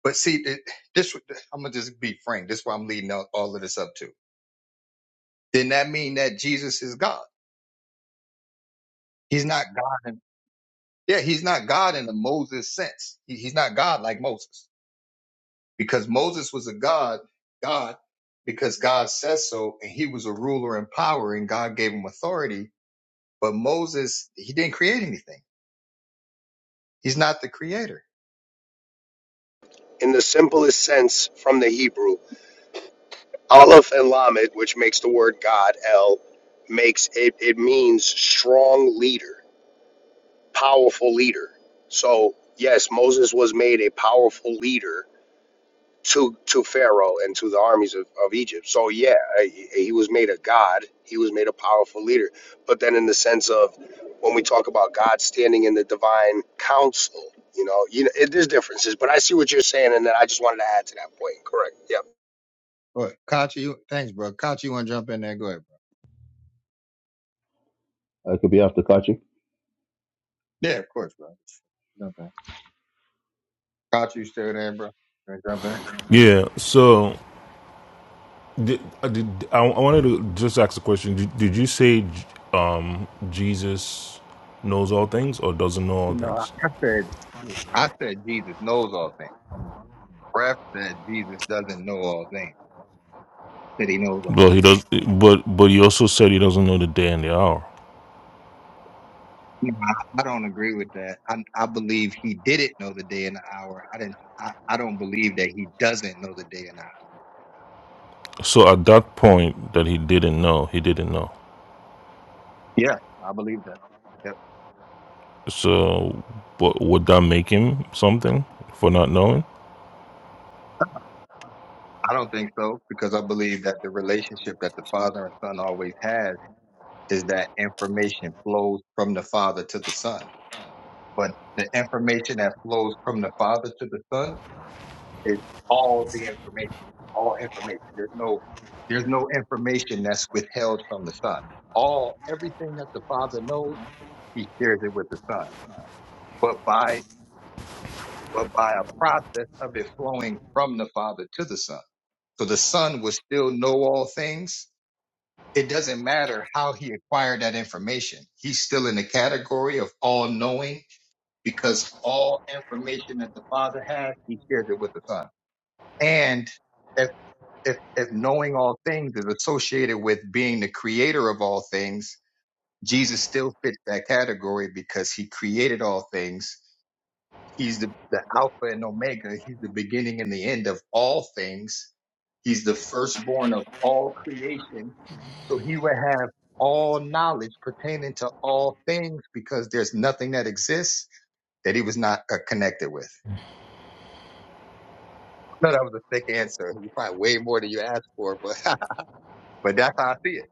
But see, th- this I'm gonna just be frank. This is what I'm leading all, all of this up to. Then that mean that Jesus is God? He's not God. In, yeah, he's not God in the Moses sense. He, he's not God like Moses. because Moses was a God, God, because God says so, and he was a ruler in power, and God gave him authority. But Moses, he didn't create anything. He's not the creator. In the simplest sense, from the Hebrew, Aleph and Lamed, which makes the word God, El, makes it. It means strong leader. powerful leader. So yes, Moses was made a powerful leader to to Pharaoh and to the armies of, of Egypt. So yeah, he he was made a god. He was made a powerful leader. But then in the sense of when we talk about God standing in the divine council, you know, you know, it, there's differences. But I see what you're saying, and then I just wanted to add to that point. Correct. Yep. What? Kachi, you, thanks, bro. Kachi, you want to jump in there? Go ahead, bro. I could be after Kachi. Yeah, of course, bro. Jump in. Caught you still there, bro. You wanna jump in? Yeah. So did, I did, I, I wanted to just ask a question. Did, did you say um, Jesus knows all things or doesn't know all You know, I things? I said, I said Jesus knows all things. Ref said Jesus doesn't know all things. He said he knows all. Well, he does. But but he also said he doesn't know the day and the hour. No, I I don't agree with that. I, I believe he didn't know the day and the hour. I didn't. I, I don't believe that he doesn't know the day and hour. So at that point that he didn't know, he didn't know. Yeah, I believe that. Yep. So but would that make him something for not knowing? I don't think so because I believe that the relationship that the father and son always has is that information flows from the father to the son. But the information that flows from the father to the son is all the information. All information. There's no. There's no information that's withheld from the son all everything that the father knows He shares it with the Son. But by but by a process of it flowing from the Father to the Son. So the Son will still know all things. It doesn't matter how he acquired that information. He's still in the category of all knowing because all information that the Father has, he shares it with the Son. And if if, if knowing all things is associated with being the creator of all things, Jesus still fits that category because he created all things He's the, the Alpha and Omega. He's the beginning and the end of all things. He's the firstborn of all creation. So he would have all knowledge pertaining to all things because there's nothing that exists that he was not uh, connected with. No, that was a thick answer. You probably way more than you asked for, but but that's how I see it.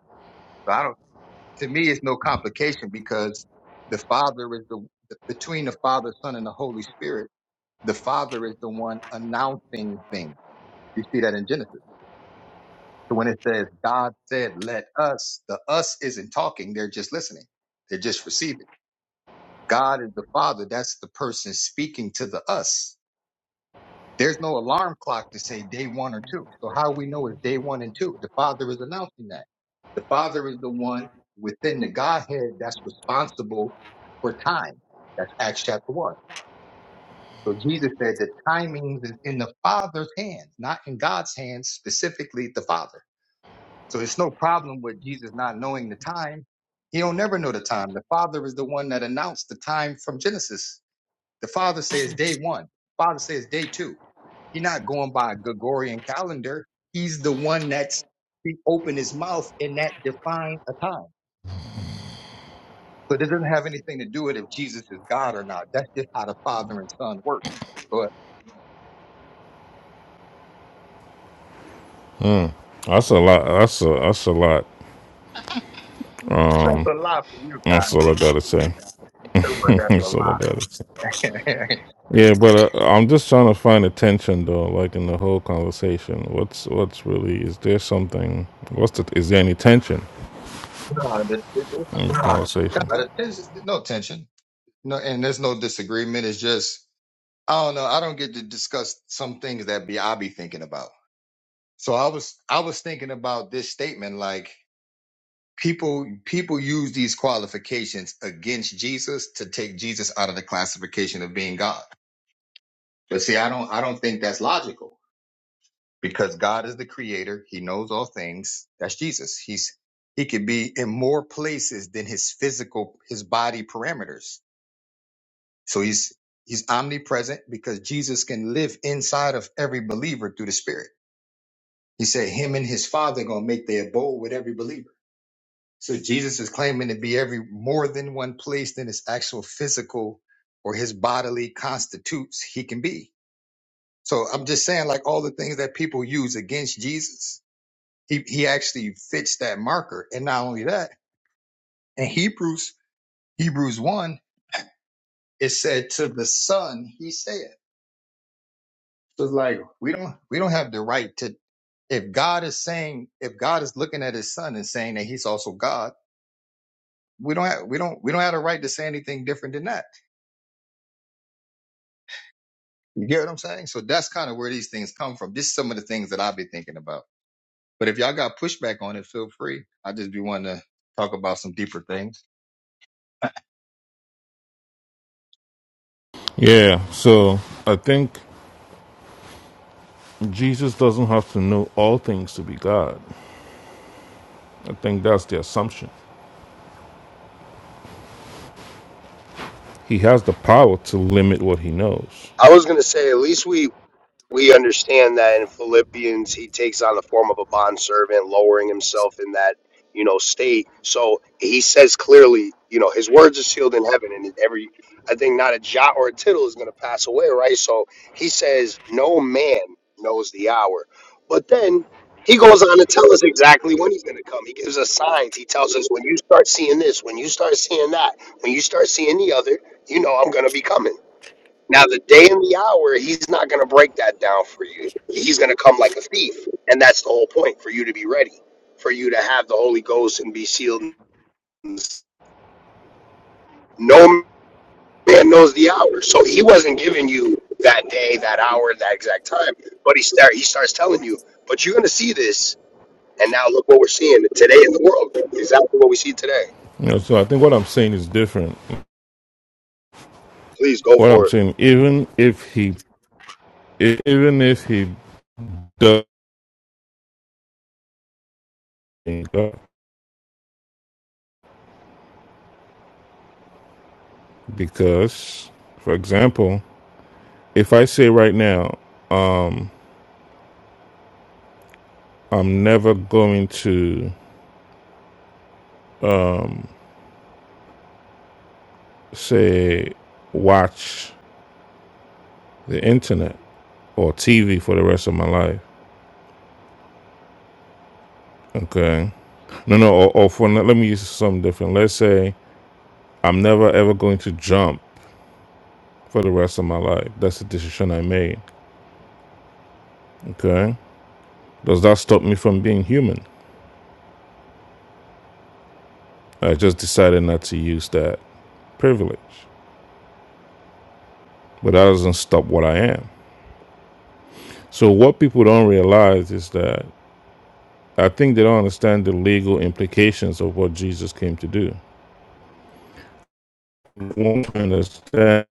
So I don't. To me, it's no complication because the Father is the between the Father, Son, and the Holy Spirit. The Father is the one announcing things You see that in Genesis. So when it says God said, let us, the us isn't talking. They're just listening. They're just receiving. God is the father. That's the person speaking to the us. There's no alarm clock to say day one or two. So how we know is day one and two. The father is announcing that. The father is the one within the Godhead that's responsible for time. That's Acts chapter one. So Jesus said the timings is in the father's hands, not in God's hands, specifically the father. So it's no problem with Jesus not knowing the time. He don't never know the time. The Father is the one that announced the time from Genesis. The Father says day one. Father says day two. He's not going by a Gregorian calendar. He's the one that's he opened his mouth and that defined a time. So this doesn't have anything to do with if Jesus is God or not. That's just how the Father and Son work. But That's a lot. That's a that's a lot. that's a lie for you guys. That's all I gotta say. But that's a That's all I got. to lie. Yeah, but uh, I'm just trying to find attention though, like in the whole conversation. What's what's really is there something? What's the is there any tension no, there's- in the conversation? there's there's no tension. No, and there's no disagreement. It's just I don't know. I don't get to discuss some things that be I be thinking about. So I was I was thinking about this statement like people people use these qualifications against Jesus to take Jesus out of the classification of being God. But see, I don't I don't think that's logical because God is the creator. He knows all things. That's Jesus. He's he could be in more places than his physical his body parameters. So he's he's omnipresent because Jesus can live inside of every believer through the Spirit. He said him and his father gonna make their abode with every believer. So Jesus is claiming to be every more than one place than his actual physical or his bodily constitutes he can be. So I'm just saying, like all the things that people use against Jesus, he, he actually fits that marker. And not only that, in Hebrews, Hebrews one, it said to the Son, he said. So it's like we don't we don't have the right to if God is saying, if God is looking at his son and saying that he's also God, we don't have, we don't, we don't have a right to say anything different than that. You get what I'm saying? So that's kind of where these things come from. This is some of the things that I've been thinking about. But if y'all got pushback on it, feel free. I just be wanting to talk about some deeper things. Yeah, so I think Jesus doesn't have to know all things to be God. I think that's the assumption. He has the power to limit what he knows. I was gonna say at least we We understand that in Philippians, he takes on the form of a bondservant, lowering himself in that, you know, state. So he says clearly, you know, his words are sealed in heaven, and every, I think not a jot or a tittle is going to pass away, right? So he says, no man knows the hour. But then he goes on to tell us exactly when he's going to come. He gives us signs. He tells us, when you start seeing this, when you start seeing that, when you start seeing the other, you know, I'm going to be coming. Now, the day and the hour, he's not going to break that down for you. He's going to come like a thief. And that's the whole point for you to be ready, for you to have the Holy Ghost and be sealed. No man knows the hour. So he wasn't giving you that day, that hour, that exact time. But he, start, he starts telling you, but you're going to see this. And now look what we're seeing today in the world. Exactly what we see today. You know, so I think what I'm saying is different. Please go What I'm for it. saying, even if he, even if he does, because, for example. if I say right now, um, I'm never going to say watch the internet or TV for the rest of my life. Okay. No, no, or, or for let me use something different. Let's say I'm never ever going to jump for the rest of my life. That's the decision I made. Okay. Does that stop me from being human? I just decided not to use that privilege, but that doesn't stop what I am. So what people don't realize is that I think they don't understand the legal implications of what Jesus came to do. They Won't understand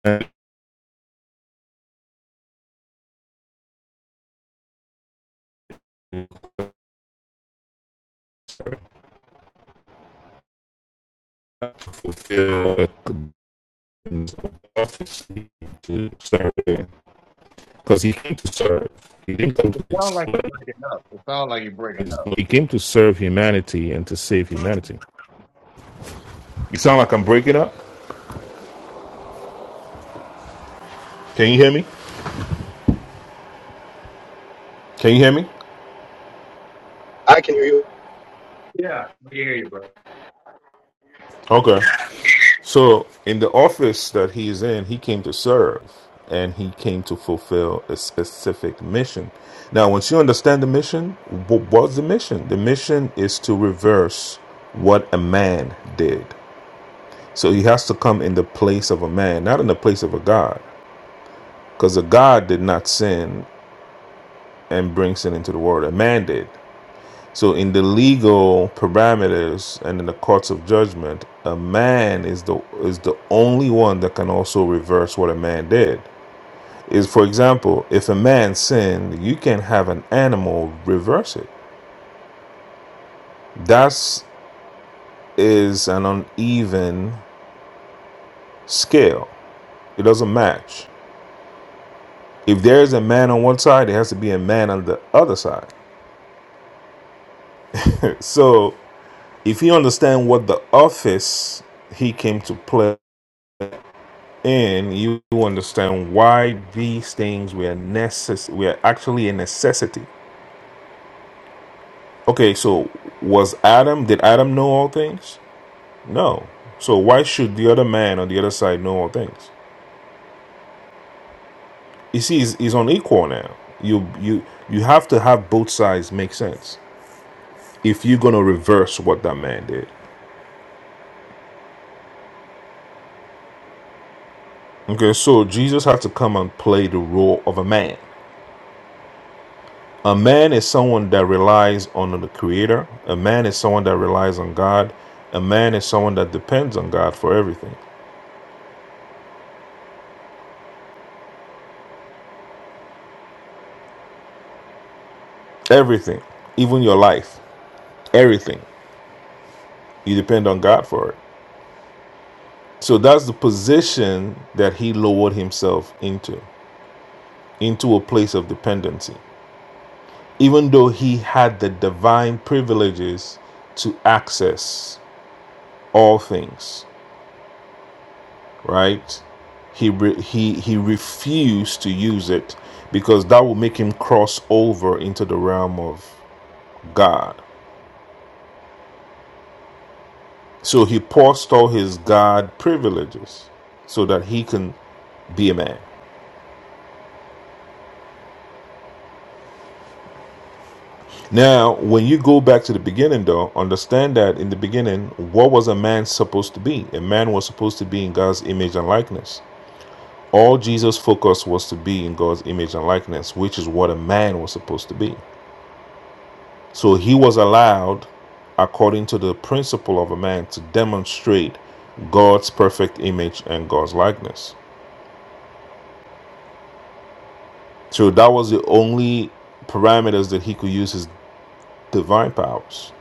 to fulfill the conditions of prophecy to serve because he came to serve. He didn't come It to sounds like exploit you're breaking up. It sounds like you're breaking up. He came to serve humanity and to save humanity. You sound like I'm breaking up. Can you hear me? Can you hear me? I can hear you. Yeah, we hear you, bro. Okay. So, in the office that he is in, he came to serve and he came to fulfill a specific mission. Now, once you understand the mission, what was the mission? The mission is to reverse what a man did. So, he has to come in the place of a man, not in the place of a God, because a God did not sin and bring sin into the world, a man did. So, in the legal parameters and in the courts of judgment, a man is the is the only one that can also reverse what a man did. Is for example, if a man sinned, you can have an animal reverse it. That's is an uneven scale. It doesn't match. If there is a man on one side, there has to be a man on the other side. So, if you understand what the office he came to play and you understand why these things were necess- were actually a necessity. Okay, so was Adam did Adam know all things? No. So why should the other man on the other side know all things? You see, it's, it's unequal now. You you you have to have both sides make sense if you're gonna reverse what that man did. Okay, so Jesus had to come and play the role of a man. A man is someone that relies on the Creator. A man is someone that relies on God. A man is someone that depends on God for everything. Everything, even your life, everything. You depend on God for it. So that's the position that he lowered himself into, into a place of dependency, even though he had the divine privileges to access all things. right? He re- he he refused to use it because that would make him cross over into the realm of God. So he paused all his God privileges so that he can be a man. Now, when you go back to the beginning, though, understand that in the beginning, what was a man supposed to be? A man was supposed to be in God's image and likeness. All Jesus' focus was to be in God's image and likeness, which is what a man was supposed to be. So he was allowed, according to the principle of a man, to demonstrate God's perfect image and God's likeness. So that was the only parameters that he could use his divine powers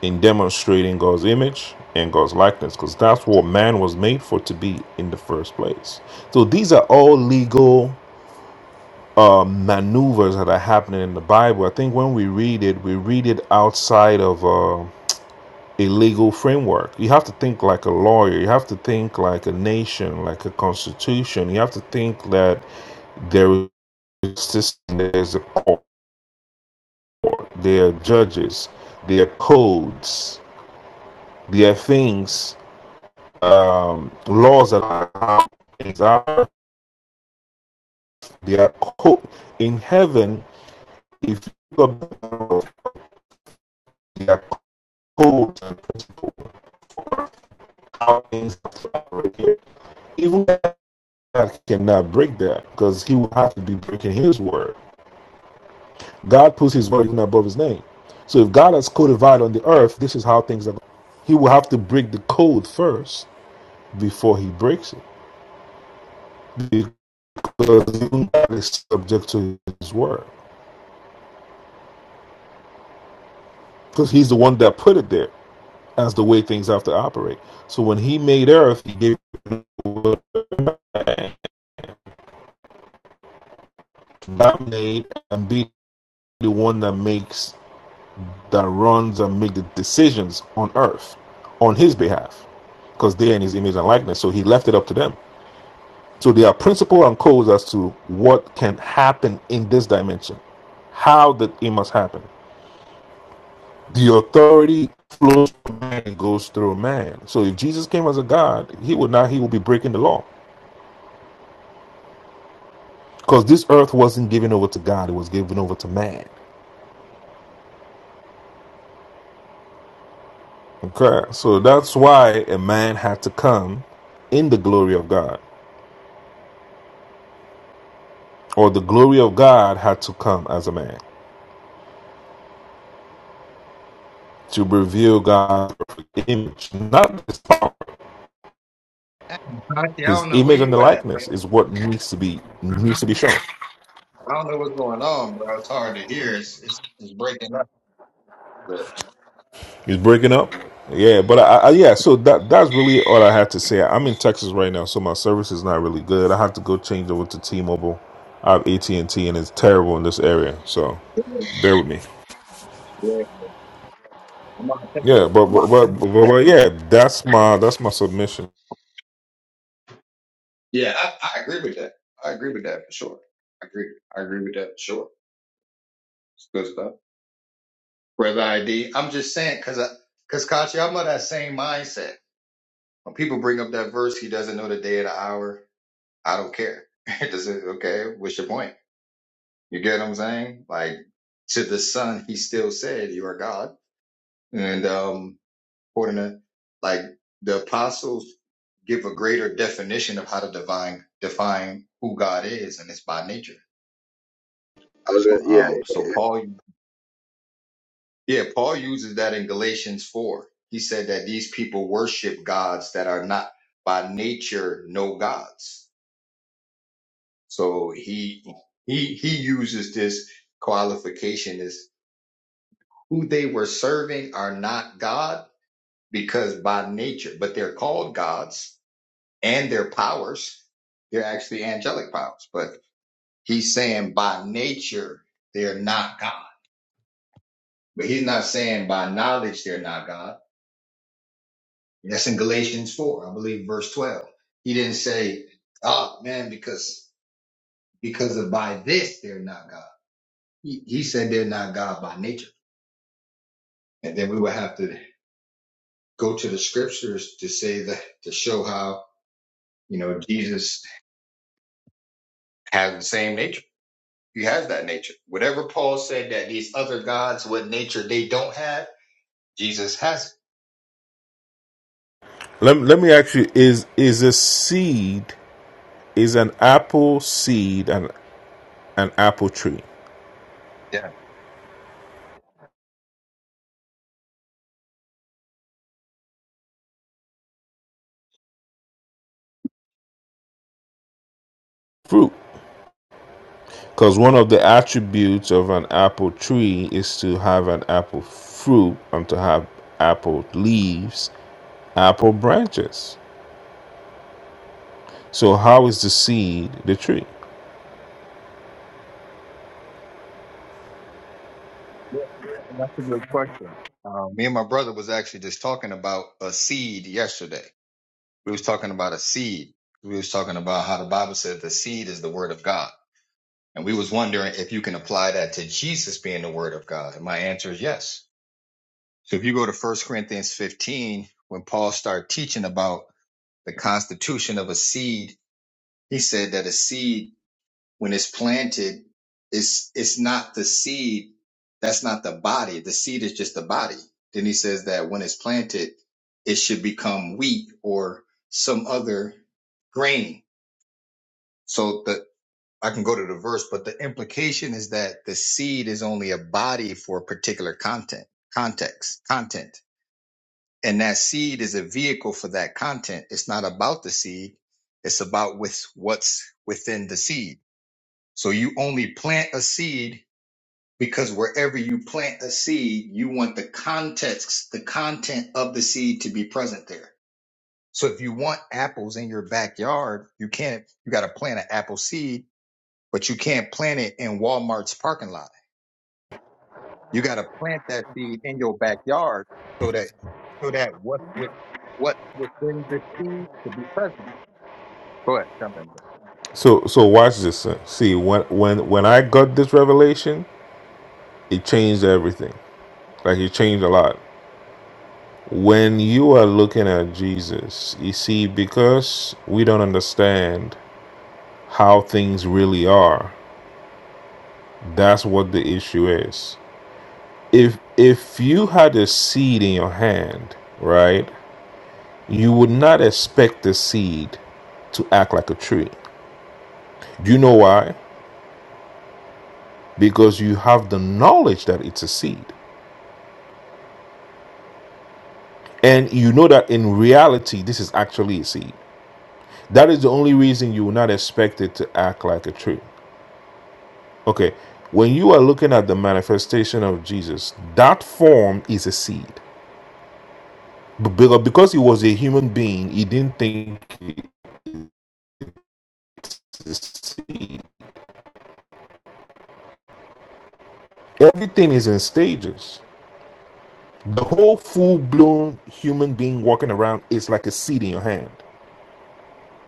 in demonstrating God's image and God's likeness, because that's what man was made for to be in the first place. So these are all legal uh, maneuvers that are happening in the Bible. I think when we read it, we read it outside of. uh, a legal framework. You have to think like a lawyer. You have to think like a nation, like a constitution. You have to think that there is a system, there's a court, there are judges, there are codes, there are things, um, laws that are things are. There are co- in heaven. If you go there are codes and how things operate Even God cannot break that because He will have to be breaking His word. God puts his word even above his name. So if God has codified on the earth, this is how things are. going. He will have to break the code first before he breaks it. Because even God is subject to his word. Because he's the one that put it there as the way things have to operate. So when he made earth, he gave it to dominate and be the one that makes, that runs and make the decisions on earth on his behalf. Because they're in his image and likeness. So he left it up to them. So there are principles and codes as to what can happen in this dimension, how that it must happen. The authority flows from man and goes through man. So if Jesus came as a God, he would not he would be breaking the law. Because this earth wasn't given over to God, it was given over to man. Okay. So that's why a man had to come in the glory of God. Or the glory of God had to come as a man to reveal God's perfect image. Not this power Rocky, I His don't know where image and the you at, man. likeness is what needs to be needs to be shown. I don't know what's going on, bro. It's hard to hear. It's it's, it's breaking up. But He's breaking up. Yeah, but I, I yeah, so that that's really all I had to say. I'm in Texas right now, so my service is not really good. I have to go change over to T-Mobile. I have AT&T, and T, and it's terrible in this area. So yeah, bear with me. I'm not taking Yeah, but but but, but, but, it. but yeah, that's my that's my submission. yeah I, I agree with that. I agree with that for sure. I agree. I agree with that for sure. It's good stuff. Brother ID. I'm just saying because I because Kachi, I'm of that same mindset. When people bring up that verse, he doesn't know the day or the hour. I don't care. It doesn't. Okay, what's your point? You get what I'm saying? Like to the son, he still said, "You are God." And um, according to like the apostles give a greater definition of how to divine define who God is, and it's by nature. I was gonna, yeah. Um, so Paul, yeah, Paul uses that in Galatians four. He said that these people worship gods that are not by nature no gods. So he he he uses this qualification as who they were serving are not God because by nature, but they're called gods and their powers. They're actually angelic powers, but he's saying by nature they're not God. But he's not saying by knowledge they're not God. That's in Galatians four, I believe, verse twelve. He didn't say, "Oh man, because because of by this they're not God." He, he said they're not God by nature, and then we would have to go to the scriptures to say that to show how you know Jesus has the same nature. He has that nature. Whatever Paul said that these other gods, what nature they don't have, Jesus has Let, let me ask you: Is is a seed is an apple seed an an apple tree it. Yeah, fruit? Because one of the attributes of an apple tree is to have an apple fruit and to have apple leaves, apple branches. So how is the seed the tree? yeah that's a good question. Um, me and my brother was actually just talking about a seed yesterday. We was talking about a seed. We was talking about how the Bible says the seed is the word of God. And we was wondering if you can apply that to Jesus being the word of God. And my answer is yes. So if you go to First Corinthians 15, when Paul started teaching about the constitution of a seed, he said that a seed when it's planted, it's it's not the seed, that's not the body. The seed is just the body. Then he says that when it's planted, it should become wheat or some other grain. So the I can go to the verse, but the implication is that the seed is only a body for a particular content, context, content. And that seed is a vehicle for that content. It's not about the seed. It's about with what's within the seed. So you only plant a seed because wherever you plant a seed, you want the context, the content of the seed to be present there. So if you want apples in your backyard, you can't, you got to plant an apple seed, but you can't plant it in Walmart's parking lot. You got to plant that seed in your backyard so that, so that what with, what within the seed to be present. Go ahead, jump in there. So so watch this. son. See, when when when I got this revelation, it changed everything. Like it changed a lot. When you are looking at Jesus, you see, because we don't understand how things really are, that's what the issue is. if if you had a seed in your hand, right, you would not expect the seed to act like a tree. Do you know why? Because you have the knowledge that it's a seed. And you know that in reality this is actually a seed. That is the only reason you will not expect it to act like a tree. Okay. When you are looking at the manifestation of Jesus, that form is a seed. But because he was a human being, he didn't think it's a seed Everything is in stages. The whole full blown human being walking around is like a seed in your hand.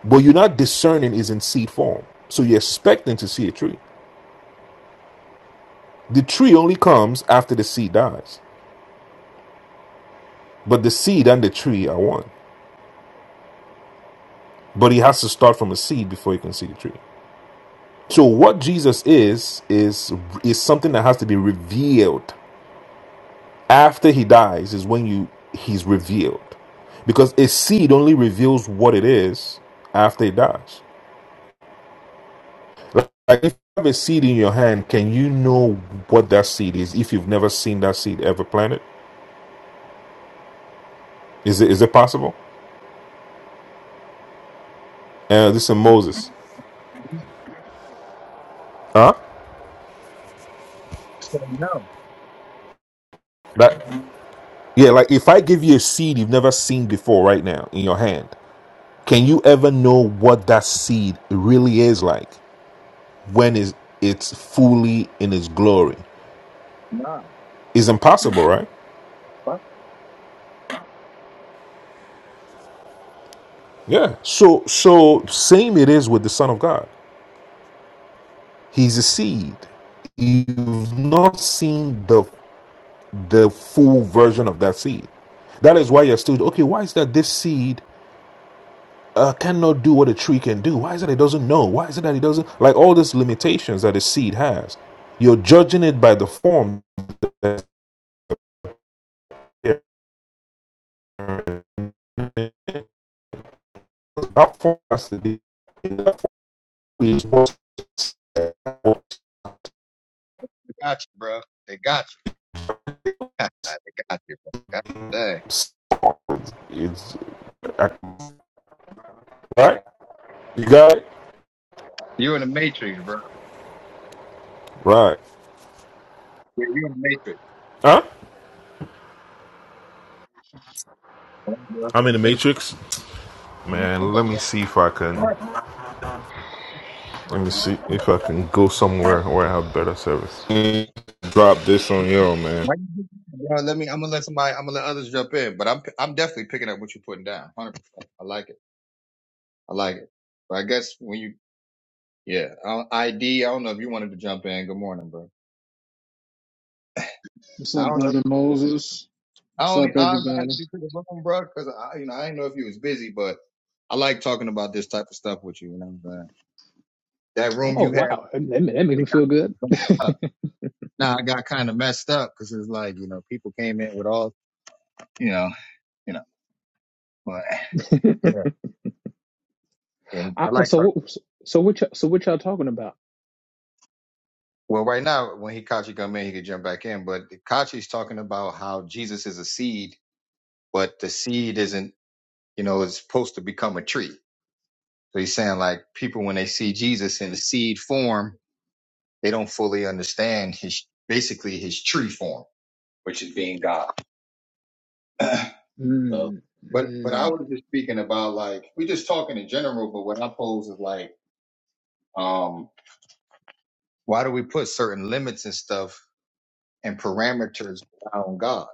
But you're not discerning is in seed form. So you're expecting to see a tree. The tree only comes after the seed dies. But the seed and the tree are one. But he has to start from a seed before he can see the tree. So what Jesus is is is something that has to be revealed after he dies is when you he's revealed. Because a seed only reveals what it is after it dies. Like if you have a seed in your hand, can you know what that seed is if you've never seen that seed ever planted? Is it is it possible? Uh, this is Moses. Huh? No, That yeah, like if I give you a seed you've never seen before right now in your hand, can you ever know what that seed really is like when is it's fully in its glory? no, It's impossible, right? fuck, Yeah. So so same it is with the Son of God. He's a seed you've not seen the the full version of that seed. That is why you're still okay. Why is that this seed uh, cannot do what a tree can do? Why is it that it doesn't know? Why is it that it doesn't like all these limitations that a seed has? You're judging it by the form that that has they got you, bro. They got you. they got you, bro. God dang. it's uh, right. You got it You in the matrix, bro. right. Yeah, you in the matrix. Huh? Bro, I'm in the matrix, man. Let me see if I can. Let me see if I can go somewhere where I have better service. drop this on y'all, man. let me. I'm gonna let somebody. I'm gonna let others jump in, but I'm I'm definitely picking up what you're putting down. Hundred percent. I like it. I like it. But I guess when you, yeah, uh, ID. I don't know if you wanted to jump in. Good morning, bro. What's I up, don't know. brother Moses? I What's only up, I invited everybody? you to the room, bro, because I, you know, I didn't know if you was busy, but I like talking about this type of stuff with you. You know what I'm saying? That room Oh you had, wow, that, that that makes me it feel good. got messed up. Now I got kind of messed up because it's like you know people came in with all you know you know. But yeah, and I, I oh, like so Kirk. what- so what y'all, so what y'all talking about? Well, right now when Hikachi come in, he could jump back in. But Hikachi's talking about how Jesus is a seed, but the seed isn't, you know, is supposed to become a tree. So he's saying like people when they see Jesus in the seed form, they don't fully understand his basically his tree form, which is being God. so, Mm, but but I mm, was just speaking about like we just talking in general. But what I pose is like, um, why do we put certain limits and stuff and parameters around God.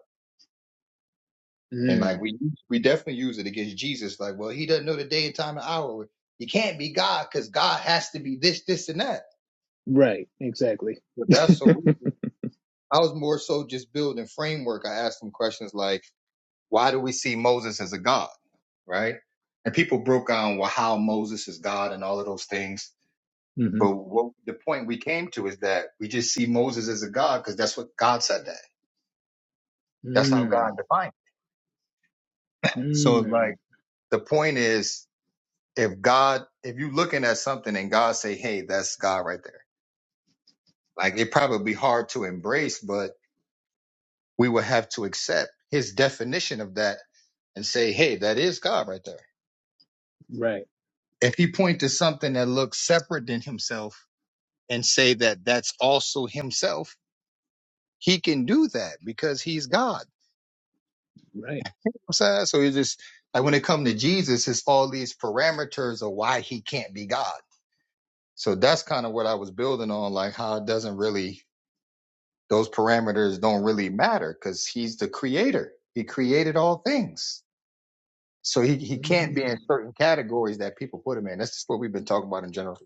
And mm, like we we definitely use it against Jesus. Like, well, he doesn't know the day and time and hour. He can't be God because God has to be this, this, and that. right, exactly. But that's so weird. I was more so just building framework. I asked them questions like, why do we see Moses as a God? Right? And people broke down well how Moses is God and all of those things. hmm But what the point we came to is that we just see Moses as a God because that's what God said that. That's how God Mm, defined. It. So mm, like the point is if God, if you looking at something and God say, "Hey, that's God right there," like it probably be hard to embrace, but we would have to accept His definition of that and say, "Hey, that is God right there." right, If He point to something that looks separate than Himself and say that that's also Himself, He can do that because He's God. right. You know what I'm saying? So it's just like when it comes to Jesus, it's all these parameters of why He can't be God. So that's kind of what I was building on, like how it doesn't really those parameters don't really matter because he's the creator. He created all things. So he, he can't be in Mm, certain categories that people put him in. That's just what we've been talking about in general.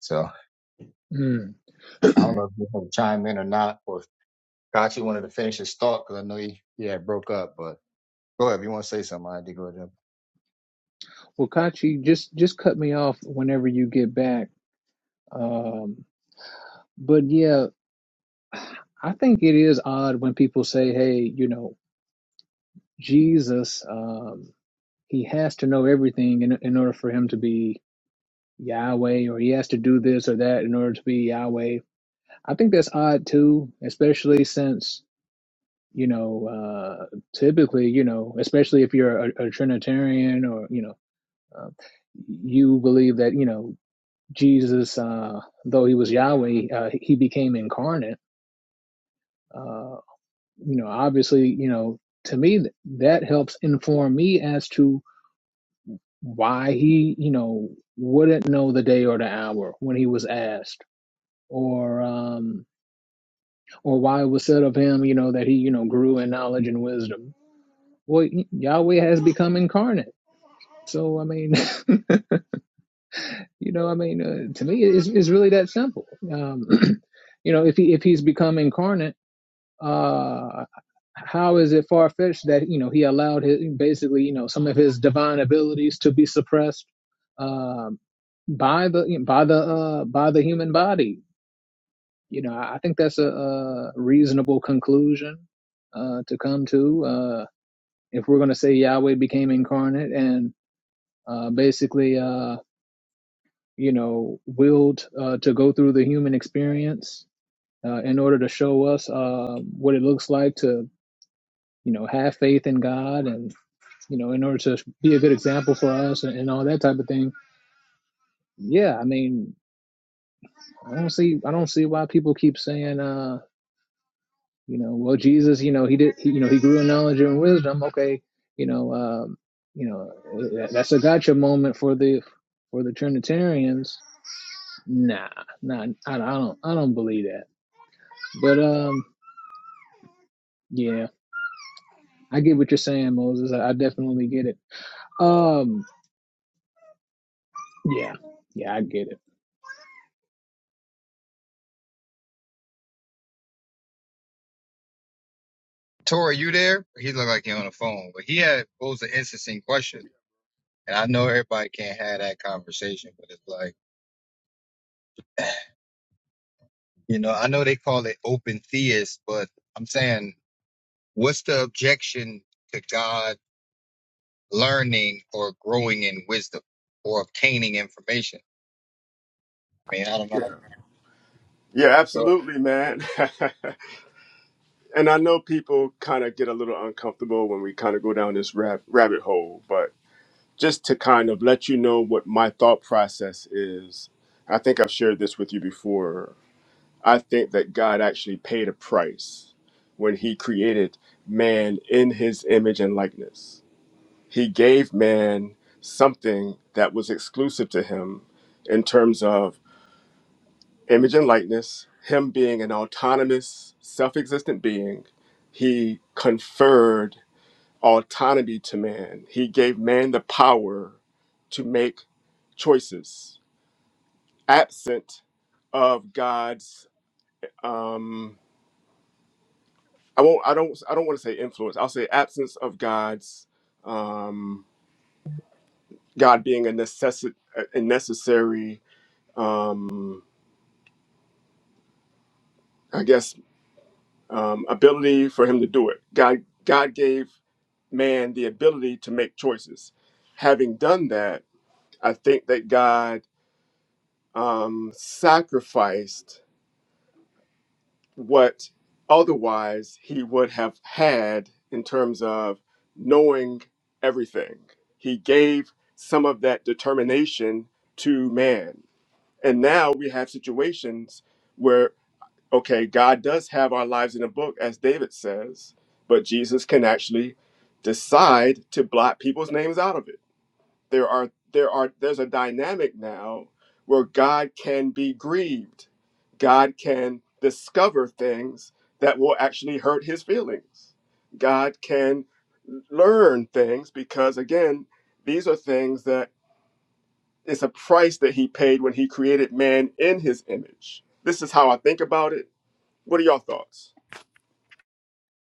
So mm. I don't know if you want to chime in or not, or if Kachi wanted to finish his thought because I know he, he had broke up, but go ahead. If you want to say something, I did go ahead. Well, Kachi, just just cut me off whenever you get back. Um, but yeah, I think it is odd when people say, "Hey, you know, Jesus." Um, he has to know everything in, in order for him to be Yahweh, or he has to do this or that in order to be Yahweh. I think that's odd too, especially since, you know, uh, typically, you know, especially if you're a, a Trinitarian or, you know, uh, you believe that, you know, Jesus, uh, though he was Yahweh, uh, he became incarnate. Uh, you know, obviously, you know, to me, th- that helps inform me as to why he, you know, wouldn't know the day or the hour when he was asked, or um, or why it was said of him, you know, that he, you know, grew in knowledge and wisdom. Well, y- Yahweh has become incarnate. So I mean, you know, I mean, uh, to me, it's, it's really that simple. Um, you know, if he if he's become incarnate uh how is it far fetched that you know he allowed his basically you know some of his divine abilities to be suppressed um, by the by the uh, by the human body? You know, I think that's a, a reasonable conclusion uh, to come to uh, if we're going to say Yahweh became incarnate and uh, basically uh, you know willed uh, to go through the human experience uh, in order to show us uh, what it looks like to you know, have faith in God and, you know, in order to be a good example for us and, and all that type of thing. Yeah, I mean, I don't see I don't see why people keep saying uh, you know, well Jesus, you know, he did he, you know, he grew in knowledge and wisdom. Okay, you know, um, you know, that's a gotcha moment for the for the Trinitarians. Nah, nah, I, I don't I don't believe that. But um yeah, I get what you're saying, Moses. I, I definitely get it. Um yeah. Yeah, I get Tori, you there? He looked like he on the phone, but he had posed an interesting question. And I know everybody can't have that conversation, but it's like, you know, I know they call it open theist, but I'm saying What's the objection to God learning or growing in wisdom or obtaining information? I mean, I don't know. Yeah. Yeah, But absolutely, man. and I know people kind of get a little uncomfortable when we kind of go down this rab- rabbit hole, but just to kind of let you know what my thought process is, I think I've shared this with you before. I think that God actually paid a price when he created man in his image and likeness. He gave man something that was exclusive to him in terms of image and likeness, him being an autonomous, self existent being. He conferred autonomy to man, he gave man the power to make choices absent of God's. Um, I won't. I don't. I don't want to say influence. I'll say absence of God's um, God being a necessi- a necessary. Um, I guess um, ability for him to do it. God. God gave man the ability to make choices. Having done that, I think that God um, sacrificed what otherwise he would have had in terms of knowing everything. He gave some of that determination to man. And now we have situations where, okay, God does have our lives in a book, as David says, but Jesus can actually decide to blot people's names out of it there are there are there's a dynamic now where God can be grieved. God can discover things that will actually hurt his feelings. God can learn things because again, these are things that it's a price that he paid when he created man in his image. This is how I think about it. What are y'all thoughts?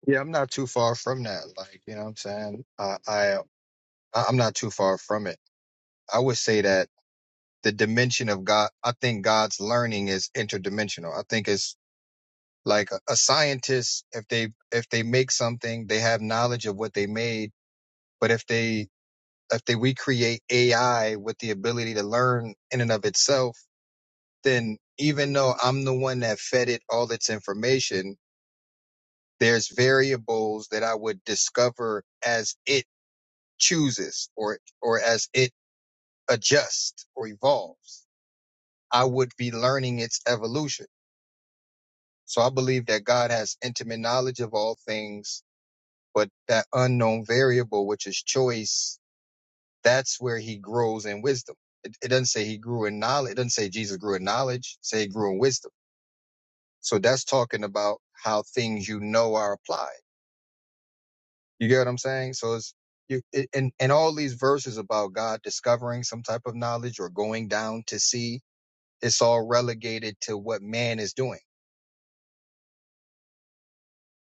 yeah, I'm not too far from that. Like, you know what I'm saying? I, I, I'm not too far from it. I would say that the dimension of God, I think God's learning is interdimensional. I think it's like a, a scientist, if they, if they make something, they have knowledge of what they made. But if they, if they, we create AI with the ability to learn in and of itself, then even though I'm the one that fed it all its information, there's variables that I would discover as it chooses or or as it adjusts or evolves. I would be learning its evolution. So I believe that God has intimate knowledge of all things, but that unknown variable, which is choice, that's where he grows in wisdom. It, it doesn't say he grew in knowledge. It doesn't say Jesus grew in knowledge. It say he grew in wisdom. So that's talking about how things you know are applied. You get what I'm saying? So it's you it, and and all these verses about God discovering some type of knowledge or going down to see, it's all relegated to what man is doing.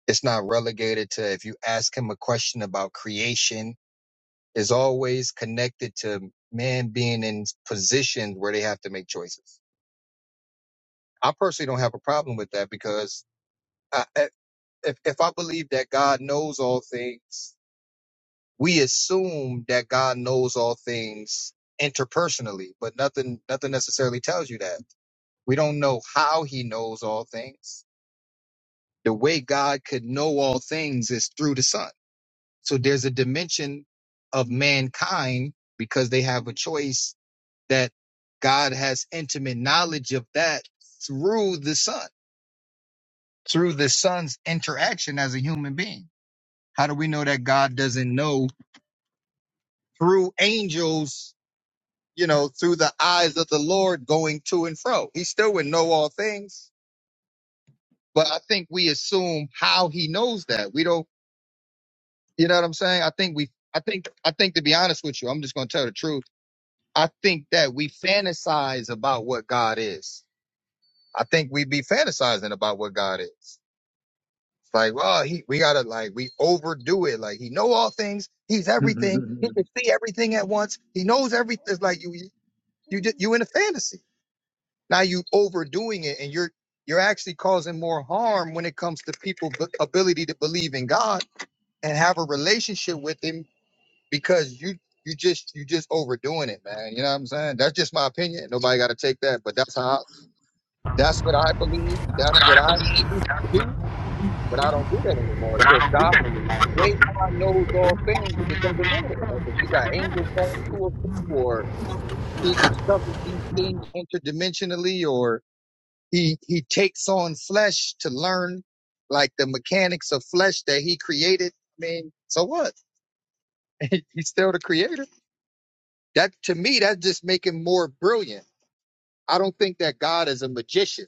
It's not relegated to if you ask him a question about creation, it's always connected to man being in positions where they have to make choices. I personally don't have a problem with that because I, if if I believe that God knows all things we assume that God knows all things interpersonally, but nothing nothing necessarily tells you that. We don't know how he knows all things. The way God could know all things is through the Son. So there's a dimension of mankind because they have a choice that God has intimate knowledge of that through the Son, through the Son's interaction as a human being. How do we know that God doesn't know through angels you know, through the eyes of the Lord going to and fro. He still would know all things, but I think we assume how he knows that. We don't, you know what I'm saying? I think we, I think, I think to be honest with you, I'm just going to tell the truth. I think that we fantasize about what God is. I think we be fantasizing about what God is. It's Like, well, he, we gotta like, we overdo it. Like, he know all things. He's everything. it. He can see everything at once. He knows everything. It's like you, you, you, you in a fantasy. Now you overdoing it, and you're you're actually causing more harm when it comes to people's b- ability to believe in God and have a relationship with Him because you you just you just overdoing it, man. You know what I'm saying? That's just my opinion. Nobody got to take that, but that's how that's what I believe. That's But what I I believe used to that's what do, I but I don't do that anymore. but So I if don't do God, that anymore. the way God knows all things, it doesn't know it. Like if He got angels all to us, or He discovers these things interdimensionally, or He he takes on flesh to learn like the mechanics of flesh that he created. I mean, so what? He's still the creator. That to me, that just make him more brilliant. I don't think that God is a magician.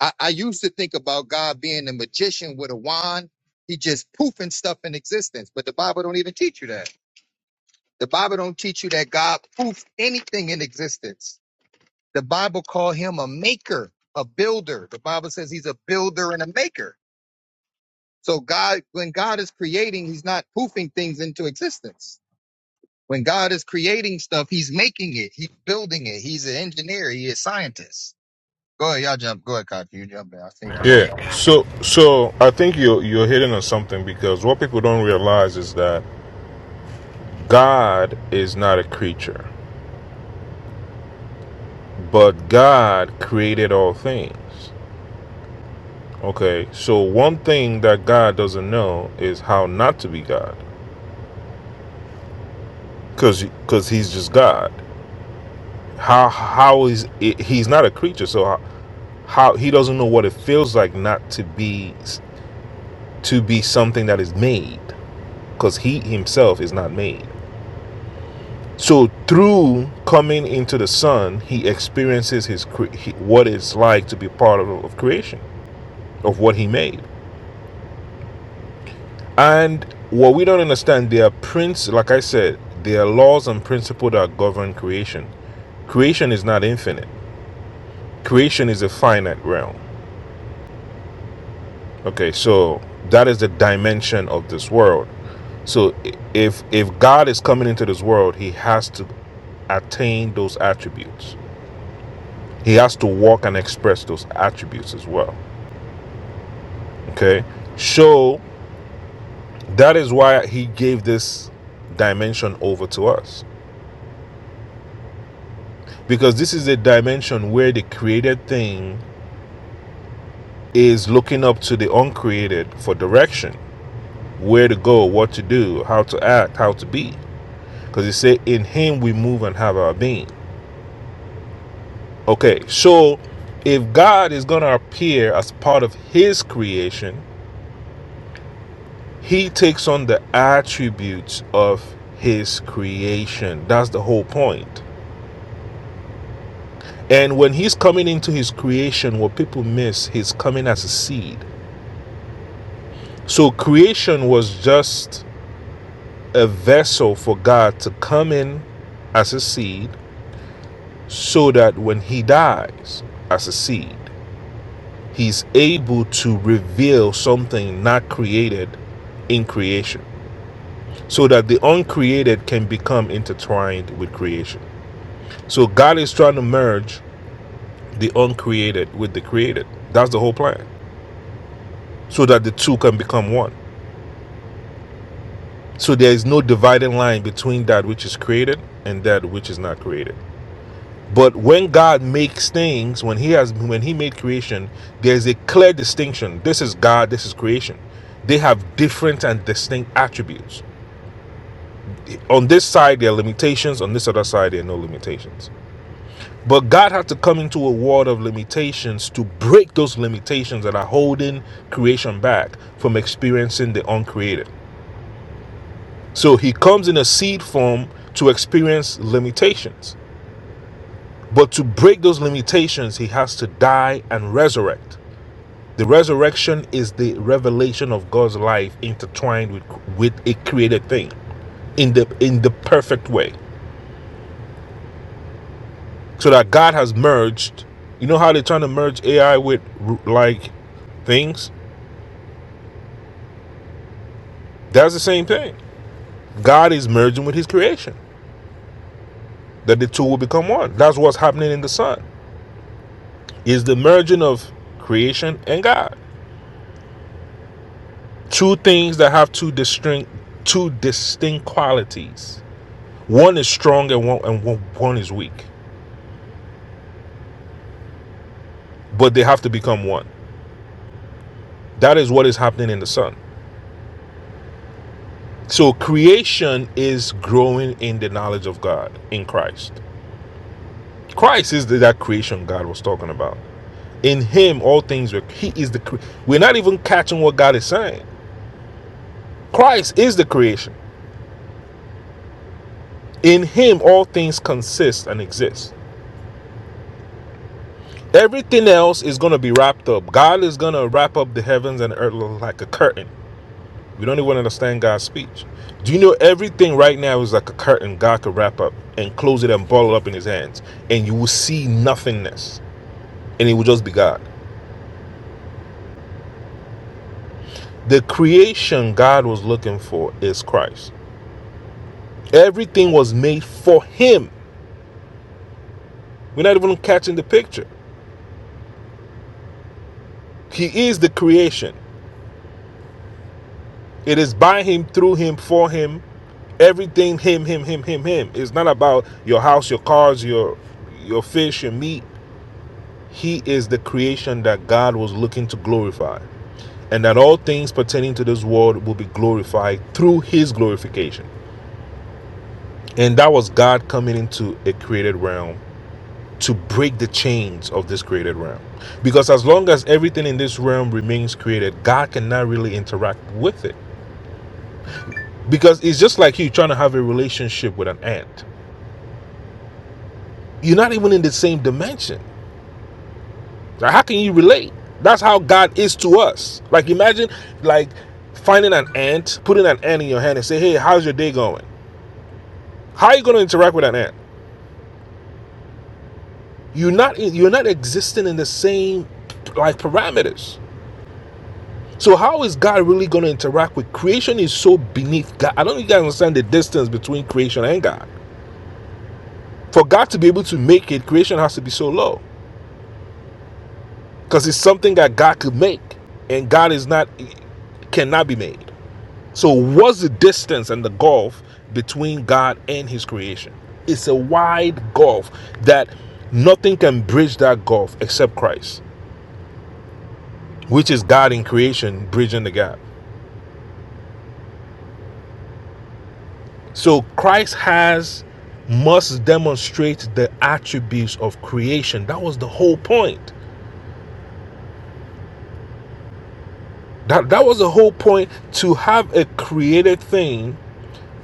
I, I used to think about God being a magician with a wand. He just poofing stuff in existence. But the Bible don't even teach you that. The Bible don't teach you that God poofed anything in existence. The Bible call him a maker, a builder. The Bible says he's a builder and a maker. So God, when God is creating, He's not poofing things into existence. When God is creating stuff, He's making it. He's building it. He's an engineer. He is scientist. Go ahead, y'all jump. Go ahead, Kyle. You jump in. I So think I'm on. Yeah. So so I think you're you're hitting on something because what people don't realize is that God is not a creature, but God created all things. Okay. So one thing that God doesn't know is how not to be God, because because he's just God. How how is it, he's not a creature? So how, how he doesn't know what it feels like not to be to be something that is made because he himself is not made so through coming into the Son, he experiences his cre- what it's like to be part of, of creation of what he made and what we don't understand there are prince like i said there are laws and principles that govern creation creation is not infinite creation is a finite realm okay so that is the dimension of this world So if if God is coming into this world, he has to attain those attributes. He has to walk and express those attributes as well. Okay? So that is why he gave this dimension over to us. Because this is a dimension where the created thing is looking up to the uncreated for direction, where to go, what to do, how to act, how to be. Because he said, In him we move and have our being. Okay, so if God is going to appear as part of His creation, He takes on the attributes of His creation. That's the whole point. And when He's coming into His creation, what people miss, He's coming as a seed. So creation was just a vessel for God to come in as a seed so that when He dies as a seed, He's able to reveal something not created in creation so that the uncreated can become intertwined with creation. So God is trying to merge the uncreated with the created. That's the whole plan so that the two can become one. So there is no dividing line between that which is created and that which is not created. But when God makes things, when he has when he made creation, there's a clear distinction. This is God, this is creation. They have different and distinct attributes. on this side there are limitations on this other side there are no limitations but god had to come into a world of limitations to break those limitations that are holding creation back from experiencing the uncreated so he comes in a seed form to experience limitations but to break those limitations he has to die and resurrect the resurrection is the revelation of god's life intertwined with, with a created thing in the in the perfect way so that God has merged. You know how they're trying to merge AI with like things? That's the same thing. God is merging with His creation. That the two will become one. That's what's happening in the Son. Is the merging of creation and God. Two things that have two distinct, two distinct qualities. One is strong and one and one one is weak, but they have to become one. That is what is happening in the Son. So creation is growing in the knowledge of God in Christ Christ is the, that creation God was talking about. In Him, all things were. He is the. cre- We're not even catching what God is saying. Christ is the creation. In Him, all things consist and exist. Everything else is going to be wrapped up. God is going to wrap up the heavens and earth like a curtain. We don't even understand God's speech. Do you know everything right now is like a curtain God could wrap up and close it and ball it up in His hands, and you will see nothingness, and it will just be God. The creation God was looking for is Christ. Everything was made for him. We're not even catching the picture. He is the creation. It is by him, through him, for him. Everything him, him, him, him, him. It's not about your house, your cars, your your fish, your meat. He is the creation that God was looking to glorify. And that all things pertaining to this world will be glorified through his glorification. And that was God coming into a created realm to break the chains of this created realm. Because as long as everything in this realm remains created, God cannot really interact with it. Because it's just like you trying to have a relationship with an ant. You're not even in the same dimension. Like, how can you relate? That's how God is to us. Like imagine like finding an ant, putting an ant in your hand and say, "Hey, how's your day going?" How are you going to interact with an ant? You're not you're not existing in the same like parameters. So how is God really going to interact with creation? Is so beneath God. I don't think you guys understand the distance between creation and God. For God to be able to make it, creation has to be so low because it's something that God could make, and God is not cannot be made. So what's the distance and the gulf between God and His creation? It's a wide gulf that nothing can bridge that gulf except Christ, which is God in creation bridging the gap. So Christ has must demonstrate the attributes of creation. That was the whole point. That that was the whole point to have a created thing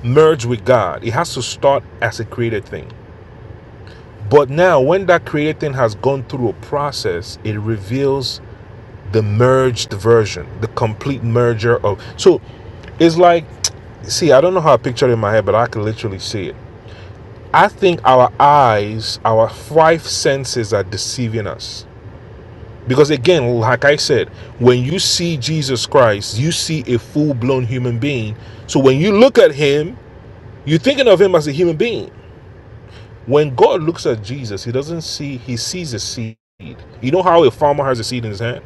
merge with God. It has to start as a created thing. But now when that created thing has gone through a process, it reveals the merged version, the complete merger of so it's like see, I don't know how I picture it in my head, but I can literally see it. I think our eyes, our five senses are deceiving us. Because again, like I said, when you see Jesus Christ, you see a full blown human being. So when you look at him, you're thinking of him as a human being. When God looks at Jesus, he doesn't see, he sees a seed. You know how a farmer has a seed in his hand?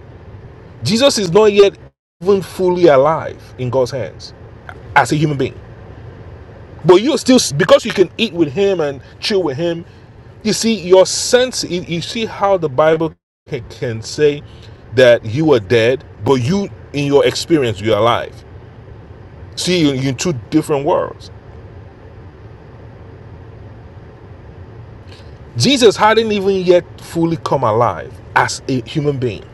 Jesus is not yet even fully alive in God's hands as a human being. But you still, because you can eat with him and chill with him, you see your sense. You, see how the Bible can, can say that you are dead, but you, in your experience, you're alive. See, you're in two different worlds. Jesus hadn't even yet fully come alive as a human being.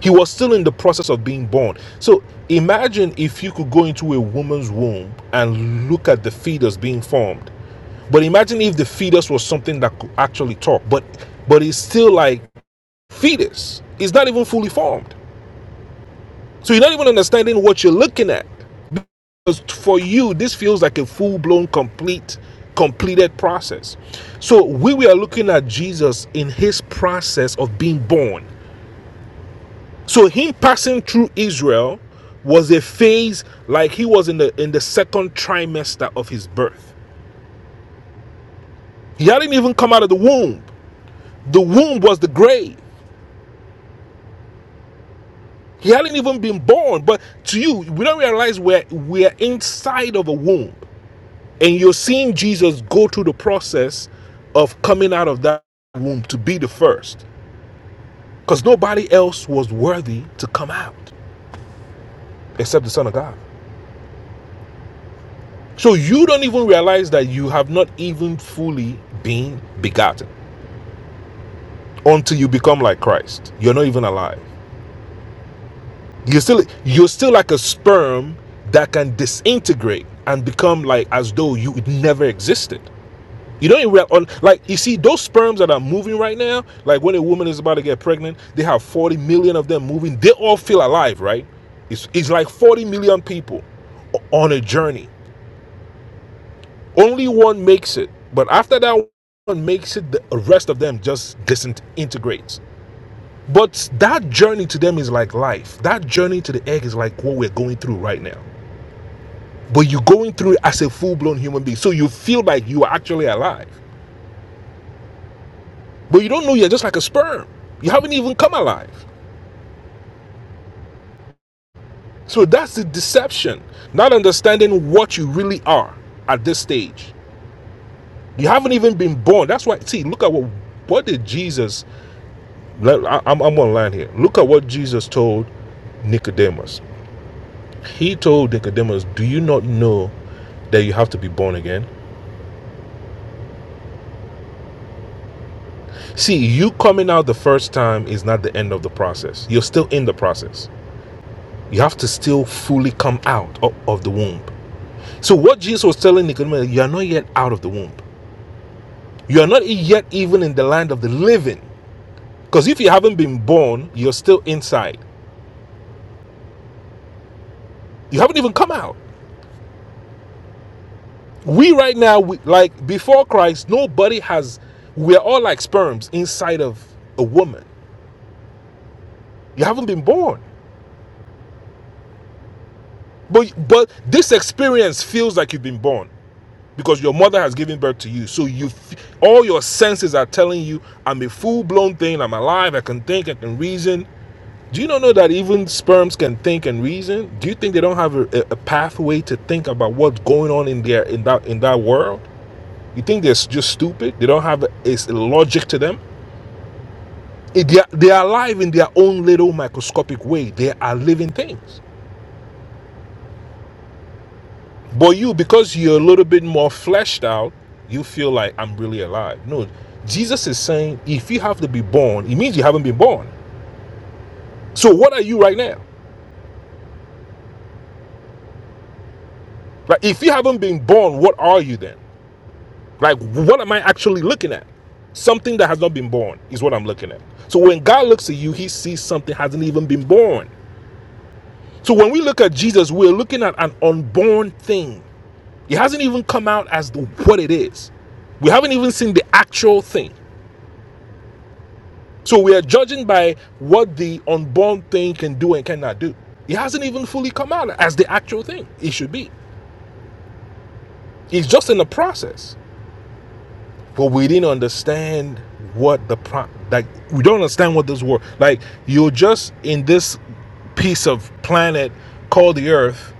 He was still in the process of being born. So imagine if you could go into a woman's womb and look at the fetus being formed. But imagine if the fetus was something that could actually talk, but but it's still like fetus. It's not even fully formed. So you're not even understanding what you're looking at. Because for you, this feels like a full-blown, complete, completed process. So we were looking at Jesus in his process of being born. So him passing through Israel was a phase like he was in the in the second trimester of his birth. He hadn't even come out of the womb. The womb was the grave. He hadn't even been born. But to you, we don't realize we're we're inside of a womb, and you're seeing Jesus go through the process of coming out of that womb to be the first, because nobody else was worthy to come out except the Son of God. So you don't even realize that you have not even fully been begotten until you become like Christ. You're not even alive. You're still you're still like a sperm that can disintegrate and become like as though you it never existed. You don't even wrap on like you see those sperms that are moving right now. Like when a woman is about to get pregnant, they have 40 million of them moving. They all feel alive, right? It's it's like 40 million people on a journey. Only one makes it, but after that one makes it, the rest of them just disintegrates. But that journey to them is like life. That journey to the egg is like what we're going through right now. But you're going through it as a full blown human being, so you feel like you are actually alive. But you don't know you're just like a sperm. You haven't even come alive. So that's the deception. Not understanding what you really are at this stage. You haven't even been born. That's why, see, look at what, what did Jesus, I- am I'm online here. Look at what Jesus told Nicodemus. He told Nicodemus, Do you not know that you have to be born again? See, you coming out the first time is not the end of the process. You're still in the process. You have to still fully come out of the womb. So what Jesus was telling Nicodemus, you are not yet out of the womb. You are not yet even in the land of the living. Because if you haven't been born, you're still inside. You haven't even come out. We right now, we, like before Christ, nobody has. We are all like sperms inside of a woman. You haven't been born, but but this experience feels like you've been born because your mother has given birth to you. So you, all your senses are telling you, I'm a full blown thing. I'm alive. I can think. I can reason. Do you not know that even sperms can think and reason? Do you think they don't have a, a pathway to think about what's going on in their in that in that world? You think they're just stupid? They don't have a, a logic to them. It- they, are, they are alive in their own little microscopic way. They are living things. But you, because you're a little bit more fleshed out, you feel like I'm really alive. No, Jesus is saying if you have to be born, it means you haven't been born. So what are you right now? Like if you haven't been born, what are you then? Like, what am I actually looking at? Something that has not been born is what I'm looking at. So when God looks at you, he sees something hasn't even been born. So when we look at Jesus, we're looking at an unborn thing. It hasn't even come out as the, what it is. We haven't even seen the actual thing. So we are judging by what the unborn thing can do and cannot do. It hasn't even fully come out as the actual thing it should be. It's just in the process. but we didn't understand what the pro like we don't understand what this world like you're just in this piece of planet called the earth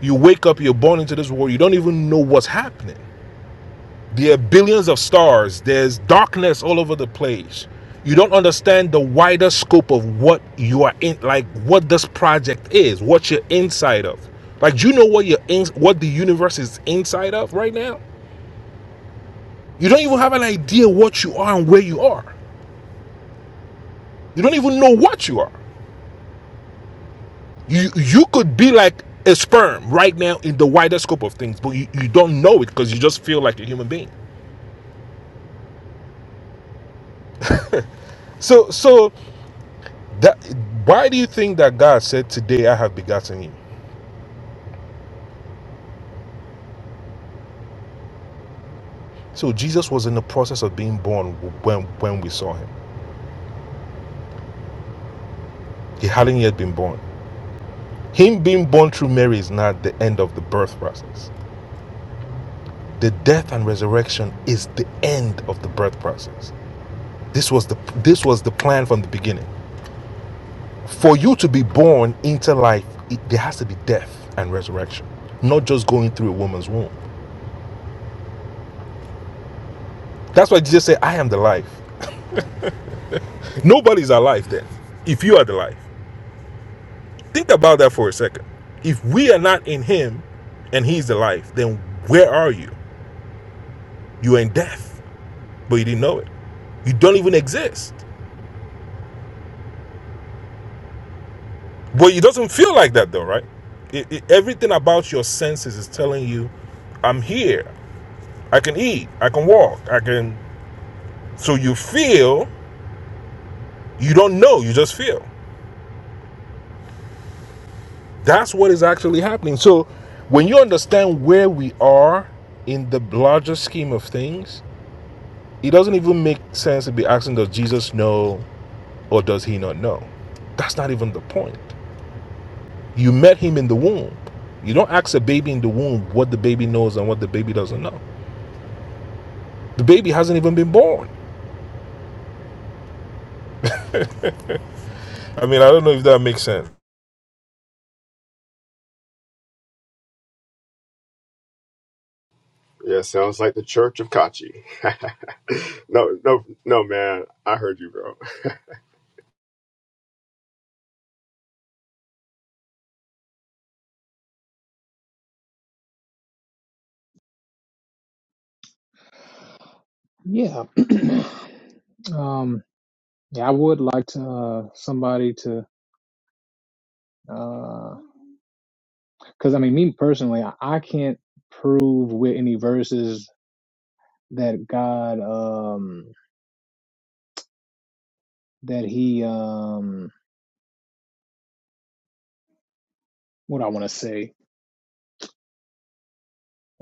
you wake up you're born into this world you don't even know what's happening there are billions of stars there's darkness all over the place you don't understand the wider scope of what you are in like what this project is what you're inside of like do you know what you're in what the universe is inside of right now you don't even have an idea what you are and where you are You don't even know what you are. You you could be like a sperm right now in the wider scope of things, but you, you don't know it because you just feel like a human being. So so that why do you think that God said, Today I have begotten him? So Jesus was in the process of being born when when we saw him. He hadn't yet been born. Him being born through Mary is not the end of the birth process. The death and resurrection is the end of the birth process. This was the this was the plan from the beginning. for you to be born into life, it, there has to be death and resurrection, not just going through a woman's womb. That's why Jesus said, I am the life. Nobody's alive then, if you are the life. Think about that for a second. If we are not in Him and He's the life, then where are you? You're in death, but you didn't know it. You don't even exist. But it doesn't feel like that though, right? It, it- everything about your senses is telling you, I'm here. I can eat. I can walk. I can. So you feel You don't know, you just feel. That's what is actually happening. So when you understand where we are in the larger scheme of things, it doesn't even make sense to be asking, does Jesus know or does he not know? That's not even the point. You met him in the womb. You don't ask a baby in the womb what the baby knows and what the baby doesn't know. The baby hasn't even been born. I mean, I don't know if that makes sense. Yeah, sounds like the Church of Kachi. no, no, no, man. I heard you, bro. Yeah. um, yeah, I would like to uh, somebody to because uh, I mean, me personally, I, I can't prove with any verses that God um that he um what I want to say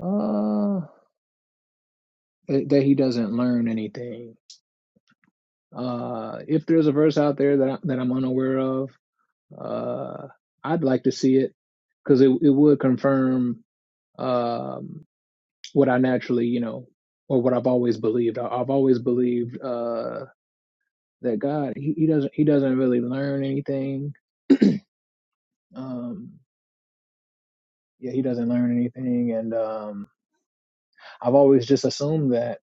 uh that that he doesn't learn anything. Uh, if there's a verse out there that I, that I'm unaware of, uh, I'd like to see it because it it would confirm. um what I naturally, you know, or what I've always believed. I, I've always believed uh, that God, he, he doesn't, he doesn't really learn anything. Um, yeah, he doesn't learn anything, and um, I've always just assumed that.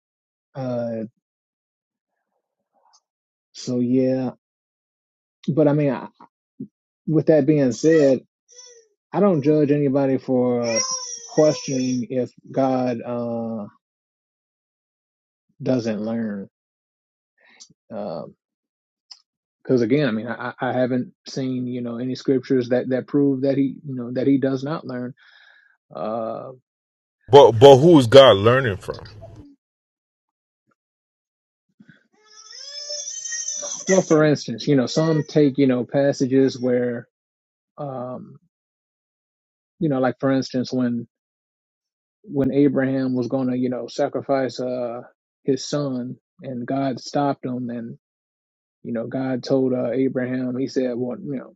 Uh, so yeah, but I mean, I, with that being said, I don't judge anybody for questioning if God uh, doesn't learn. Um, Because again, I mean, I I haven't seen you know any scriptures that that prove that he you know that he does not learn Uh, But but who is God learning from? well, for instance, you know, some take you know passages where, um, you know, like for instance, when when Abraham was going to you know sacrifice uh, his son, and God stopped him, and you know, God told uh, Abraham, He said, "Well, you know,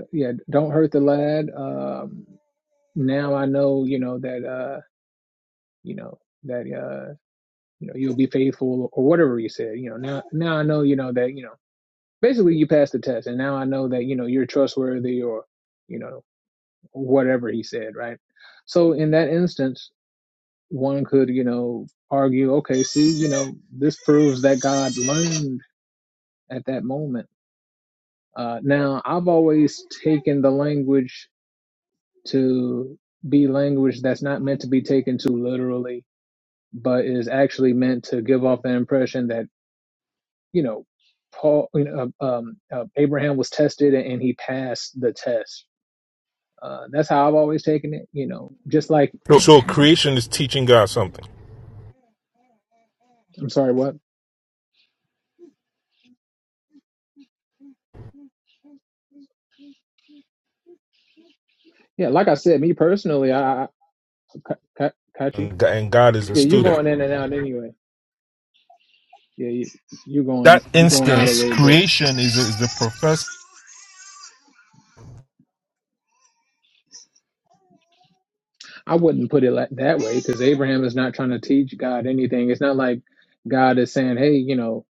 uh, yeah, don't hurt the lad. Um, now I know, you know that, uh, you know that, uh, you know, you'll be faithful, or whatever He said. You know, now now I know, you know that, you know." basically you passed the test and now i know that you know you're trustworthy or you know whatever he said right so in that instance one could you know argue okay see you know this proves that god learned at that moment uh, now i've always taken the language to be language that's not meant to be taken too literally but is actually meant to give off the impression that you know paul you know um, uh, abraham was tested and he passed the test Uh, that's how I've always taken it. You know, just like So So creation is teaching God something, I'm sorry, what? Yeah, like I said, me personally, I, I Ka- Ka- Kachi. and God is a Yeah, you're student. going in and out anyway. Yeah, you, you're going that you're going out a instance, little bit. creation is a, is the professor. I wouldn't put it like that way because Abraham is not trying to teach God anything. It's not like God is saying, hey, you know,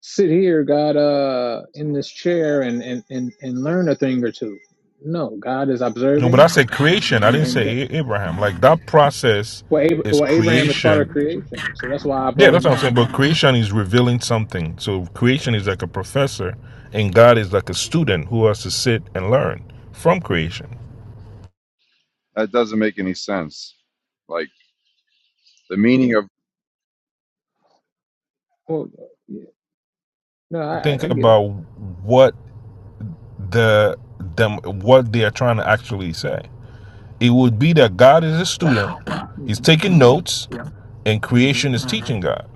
sit here, God, uh, in this chair and and and, and learn a thing or two. No, God is No, but I observing said creation. I and didn't and. t- say A- Abraham. Like that process Well, Ab- is well, Abraham is part of creation. creation, so that's why I Yeah, brought that's him what I'm up. saying. But creation is revealing something. So creation is like a professor, and God is like a student who has to sit and learn from creation. That doesn't make any sense. Like the meaning of Well, No, I, I Think I get it. about what the them what they are trying to actually say. It would be that God is a Wow. student. He's hmm taking Yeah. notes, and hmm creation is teaching God.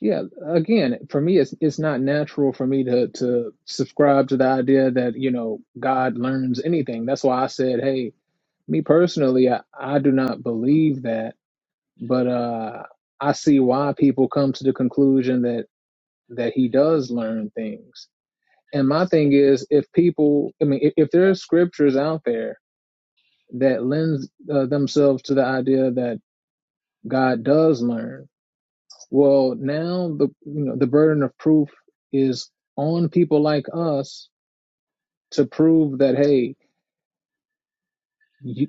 Yeah. Again, for me, it's it's not natural for me to to subscribe to the idea that you know God learns anything. That's why I said, hey, me personally, I, I do not believe that, but uh, I see why people come to the conclusion that that He does learn things. And my thing is, if people, I mean, if, if there are scriptures out there that lends uh, themselves to the idea that God does learn Well, now the you know the burden of proof is on people like us to prove that hey, you,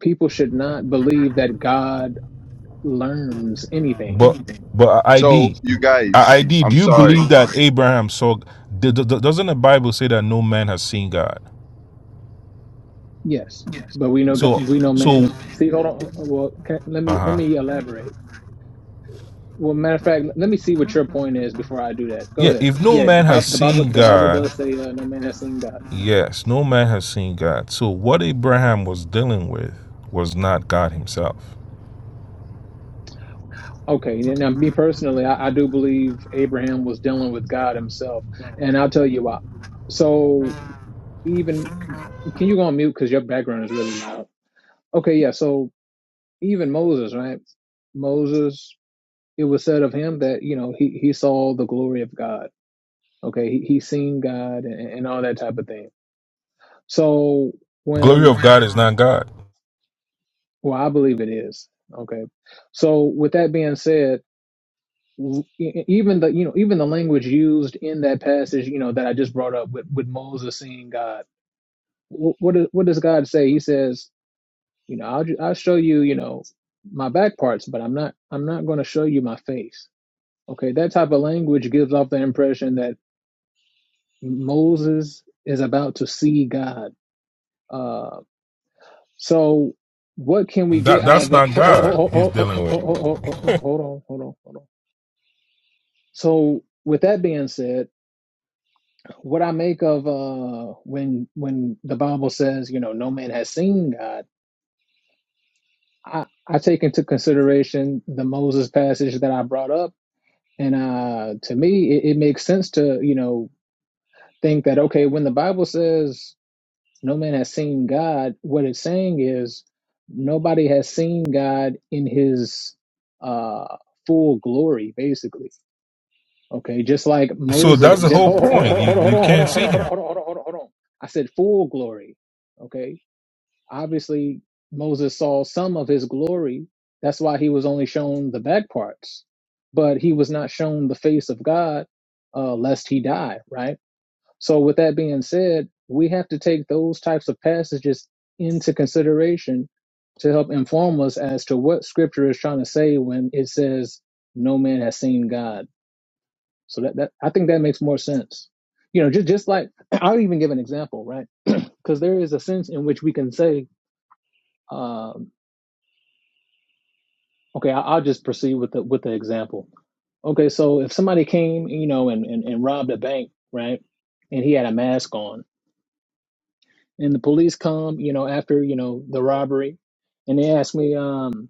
people should not believe that God learns anything. But but so ID you guys, ID. Do I'm you sorry. believe that Abraham saw? d- d- d- Doesn't the Bible say that no man has seen God? Yes, but we know God- So we know man. so See, hold on. uh, Well, can, let uh me let huh. me elaborate. Well, matter of fact, let me see what your point is before I do that. Go Yeah, ahead. if no Yeah, the man Bi- has the Bible seen the Bible God, does say uh, no man has seen God. yes, no man has seen God. So what Abraham was dealing with was not God Himself. Okay, now me personally, I, I do believe Abraham was dealing with God himself, and I'll tell you why. So even can you go on mute because your background is really loud. Okay, yeah. So even Moses, right? Moses, it was said of him that you know he he saw the glory of God. Okay, he he seen God and, and all that type of thing. So Glory of when God is not God. well, I believe it is okay. So with that being said e- even the you know even the language used in that passage you know that I just brought up with with Moses seeing God what do- what does God say he says you know I'll I'll show you you know my back parts but I'm not I'm not going to show you my face okay that type of language gives off the impression that Moses is about to see God uh so what can we get That out that's of the not God. He's hold dealing with. on hold on hold on so with that being said What I make of uh, when when the Bible says, you know, no man has seen God, I, I take into consideration the Moses passage that I brought up, and uh, to me, it, it makes sense to you know think that okay, when the Bible says no man has seen God, what it's saying is nobody has seen God in His uh, full glory, basically. Okay, just like So that's Moses the did. whole Hold, hold, point. You hold on, hold you on, hold can't on, hold on, see hold on, Him. hold on, hold on, hold on. I said full glory. Okay, obviously Moses saw some of his glory. That's why he was only shown the back parts, but he was not shown the face of God, uh, lest he die. Right. So, with that being said, we have to take those types of passages into consideration to help inform us as to what Scripture is trying to say when it says, "No man has seen God." So that, that I think that makes more sense. You know, just just like I'll even give an example, right? Because there is a sense in which we can say, um, okay, I, will just proceed with the with the example. Okay, so if somebody came, you know, and, and and robbed a bank, right, and he had a mask on, and the police come, you know, after you know the robbery, and they ask me, um,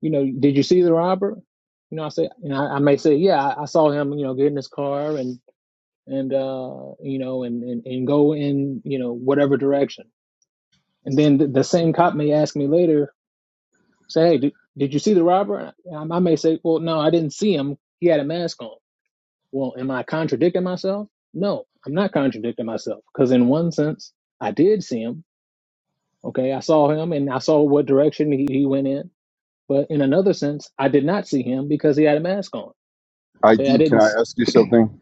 you know, did you see the robber? You know, I say, you know, I, I may say, yeah, I, I saw him, you know, get in his car, and. and uh, you know, and, and and go in you know whatever direction. And then the, the same cop may ask me later, say, "Hey, did, did you see the robber?" And I, I may say, "Well, no, I didn't see him. He had a mask on." Well, am I contradicting myself? No, I'm not contradicting myself because in one sense, I did see him. Okay, I saw him, and I saw what direction he, he went in. But in another sense, I did not see him because he had a mask on. Okay, I ID, didn't. can I s- ask you something?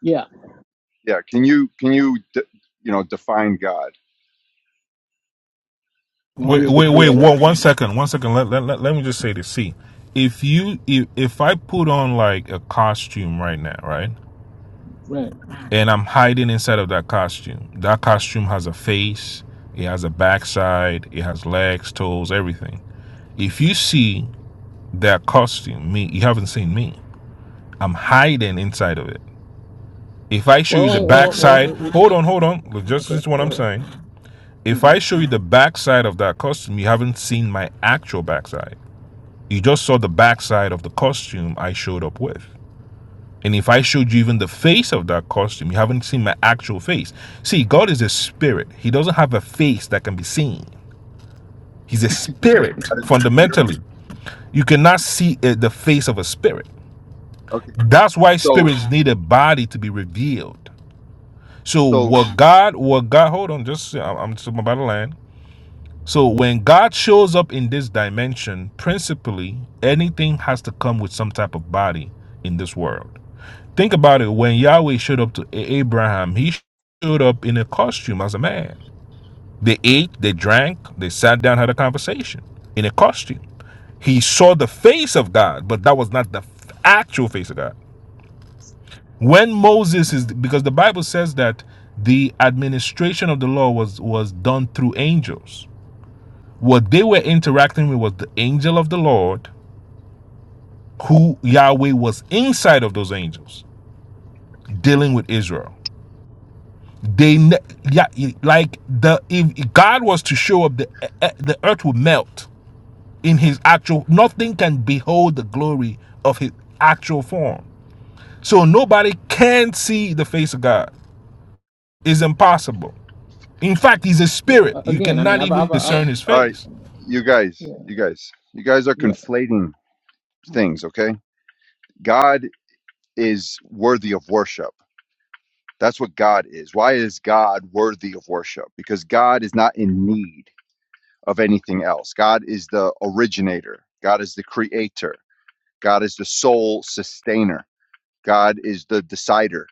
Yeah, Yeah, can you can you de, you know define God? well, Wait, he's the wait, wait. creator. One, one second. One second. Let, let, let, let me just say this. See, if you if, if I put on like a costume right now, right, right? and I'm hiding inside of that costume, that costume has a face, it has a backside, it has legs, toes, everything. If you see that costume, me, you haven't seen me. I'm hiding inside of it. If I show you Well, the I- oh, well, backside, it, it, it- hold on, hold oh, on. Look, oh, Just this okay, is what go I'm ahead. saying. If hmm I show you the backside of that costume, you haven't seen my actual backside. You just saw the backside of the costume I showed up with. And if I showed you even the face of that costume, you haven't seen my actual face. See, God is a spirit. He doesn't have a face that can be seen. He's a Like, spirit God is the spirit? fundamentally. You cannot see uh, the face of a spirit. Okay. That's why So spirits need a body to be revealed. So so what God, what God, hold on, just I'm, just- I'm about to land. So when God shows up in this dimension, principally, anything has to come with some type of body in this world. Think about it. When Yahweh showed up to Abraham, he showed up in a costume as a man. They ate, they drank, they sat down, had a conversation in a costume. He saw the face of God, but that was not the f- actual face of God. When Moses is, because the Bible says that the administration of the law was was done through angels. What they were interacting with was the angel of the Lord, who Yahweh was inside of those angels, dealing with Israel. They yeah, e- like the if God was to show up, the e- e- the earth would melt in His actual. Nothing can behold the glory of His actual form. So nobody can see the face of God. It's impossible. In fact, He's a Yeah, spirit. a- You again, I mean, cannot I've, even I've, i discern His all right, face. you guys, yeah, you guys, you guys are yeah, conflating things, okay? God is worthy of worship. That's what God is. Why is God worthy of worship? Because God is not in need of anything else. God is the originator. God is the creator. God is the sole sustainer. God is the decider.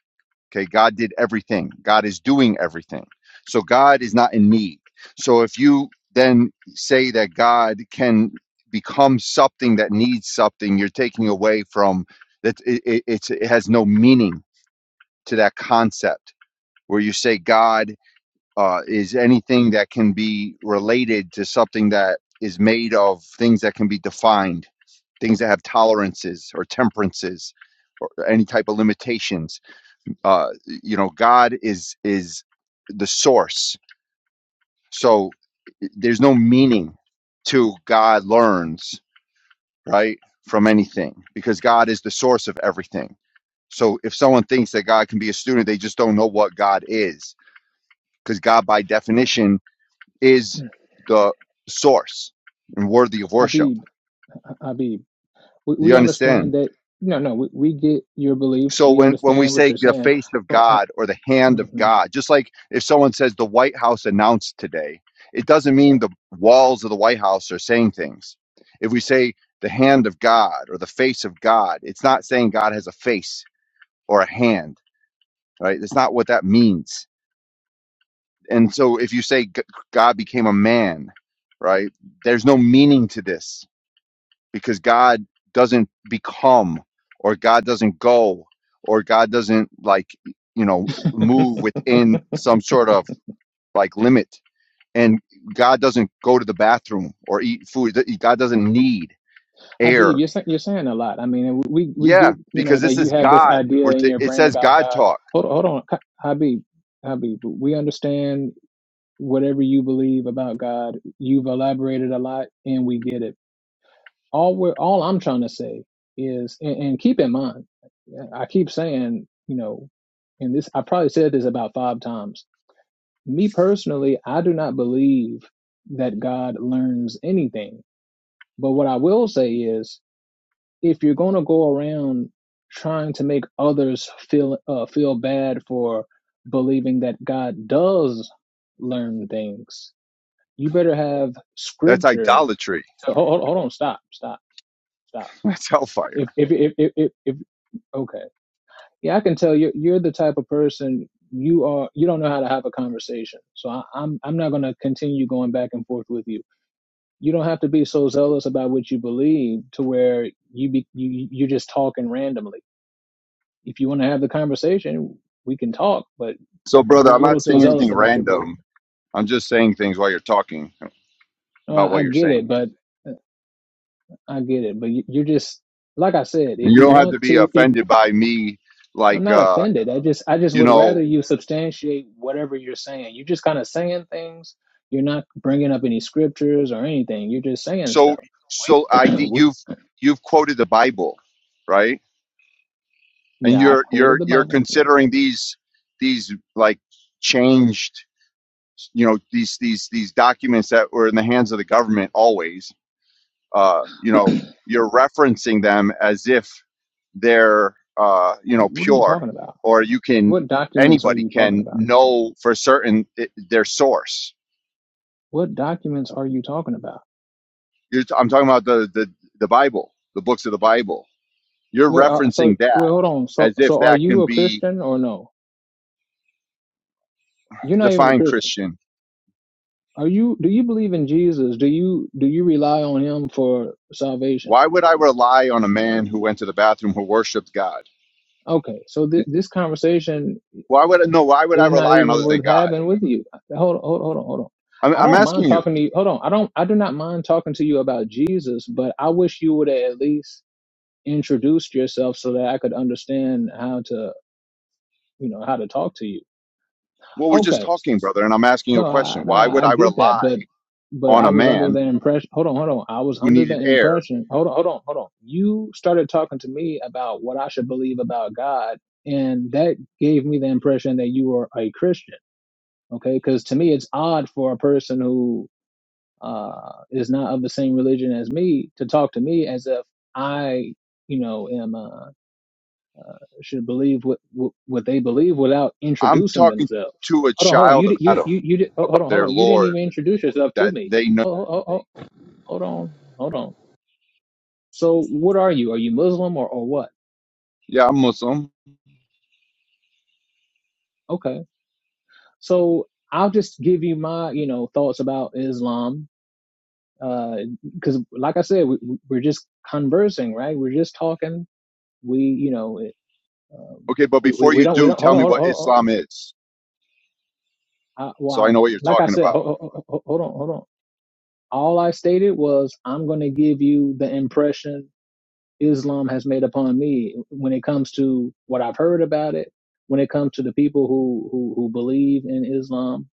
Okay. God did everything. God is doing everything. So God is not in need. So if you then say that God can become something that needs something, you're taking away from that. It, it, it's, it has no meaning to that concept where you say God uh, is anything that can be related to something that is made of things that can be defined, things that have tolerances or temperances or any type of limitations. Uh, you know, God is is the source, so there's no meaning to God learns right from anything because God is the source of everything. So if someone thinks that God can be a student, they just don't know what God is because God, by yeah. definition, is Mm. the source and worthy of worship. Habib, H- Habib, we, You we understand? understand that. No, no, we, we get your beliefs. So We when, when we understand what say you're the saying. face of But, uh, God or the hand of mhm. God, just like if someone says the White House announced today, it doesn't Yeah. mean the walls of the White House are saying things. If we say the hand of God or the face of God, it's not saying God has a face or a hand, right? That's not what that means. And so if you say G- God became a man, right? There's no meaning to this because God doesn't become or God doesn't go or God doesn't like you know move within some sort of like limit and God doesn't go to the bathroom or eat food Th- God doesn't need Habib, air you're saying you're saying a lot. I mean, and we we yeah get you know because that this you is have this God idea We're in t- your it brain says about God God. talk Hold on, hold on, Ha- Habib, Habib. We understand whatever you believe about God. You've elaborated a lot, and we get it all we're all I'm trying to say is, and, and keep in mind, I keep saying, you know, and this I probably said this about five times. Me personally, I do not believe that God learns anything. But what I will say is, if you're going to go around trying to make others feel uh, feel bad for believing that God does learn things, you better have that's scripture. idolatry To, hold, hold hold on, stop, stop, stop that's hellfire if if if if, if, if okay yeah i can tell you you're the type of person you are you don't know how to have a conversation so I, i'm i'm not going to continue going back and forth with you you don't have to be so zealous about what you believe to where you be you you're just talking randomly if you want to have the conversation we can talk but so you're brother a I'm not little too saying zealous anything about your belief random I'm just saying things while you're talking no about i, I what you're get it saying but uh, i get it but you, you're just like i said if you you don't have to want be to if offended by me I'm like not uh offended. I just I just you would know rather you substantiate whatever you're saying. You're just kind of saying things. You're not bringing up any scriptures or anything. You're just saying so stuff. We, so id we, you've you've quoted the bible right and yeah, I you're quoted you're the you're Bible. Yes. considering these these like changed you know these these these documents that were in the hands of the government always uh you know you're referencing them as if they're uh you know What are you pure talking about? or you can What documents are anybody you talking can about? know for certain i their source What documents are you talking about? you're, i'm talking about the, the the bible the books of the bible You're Wait, are, so referencing wait, that hold on. So as if so are that you can a be Christian or no? You're not even a defined Christian. Christian. Are you? Do you believe in Jesus? Do you do you rely on him for salvation? Why would I rely on a man who went to the bathroom who worshiped God? Okay, so th- this conversation Why would no? Why would I It's not rely on even other than worth God? having with you. Hold on, hold on, hold on, hold on. I'm, I I'm don't asking mind you. talking to you. Hold on. I don't I do not mind talking to you about Jesus, but I wish you would have at least introduced yourself so that I could understand how to, you know, how to talk to you. Well, we're just Okay. talking, brother, and I'm asking you a No, I question. no, Why would I I get that, rely but but on I a was under man the impression hold on, hold on. I was who under needed the air? impression hold on, hold on, hold on. You started talking to me about what I should believe about God, and that gave me the impression that you were a Christian. okay because to me it's odd for a person who uh is not of the same religion as me to talk to me as if i you know am uh should believe what what, what they believe without I'm introducing talking themselves to a hold on hold on you child di- of you Adam you you di- oh, hold about on hold their on you didn't Lord even introduce yourself to that me they know. oh, oh, oh, oh, hold on hold on so what are you are you muslim or or what Yeah, I'm Muslim. okay so i'll just give you my you know thoughts about islam because uh, like i said we, we- we're just conversing right we're just talking we you know it, uh, Okay, but we, we before we you don't we do, don't hold tell on me hold on, what hold Islam is, on. I, well so I know what I- you're like i talking said about. hold, hold, hold on hold on all i stated was i'm going to give you the impression islam has made upon me when it comes to what i've heard about it when it comes to the people who who, who believe in islam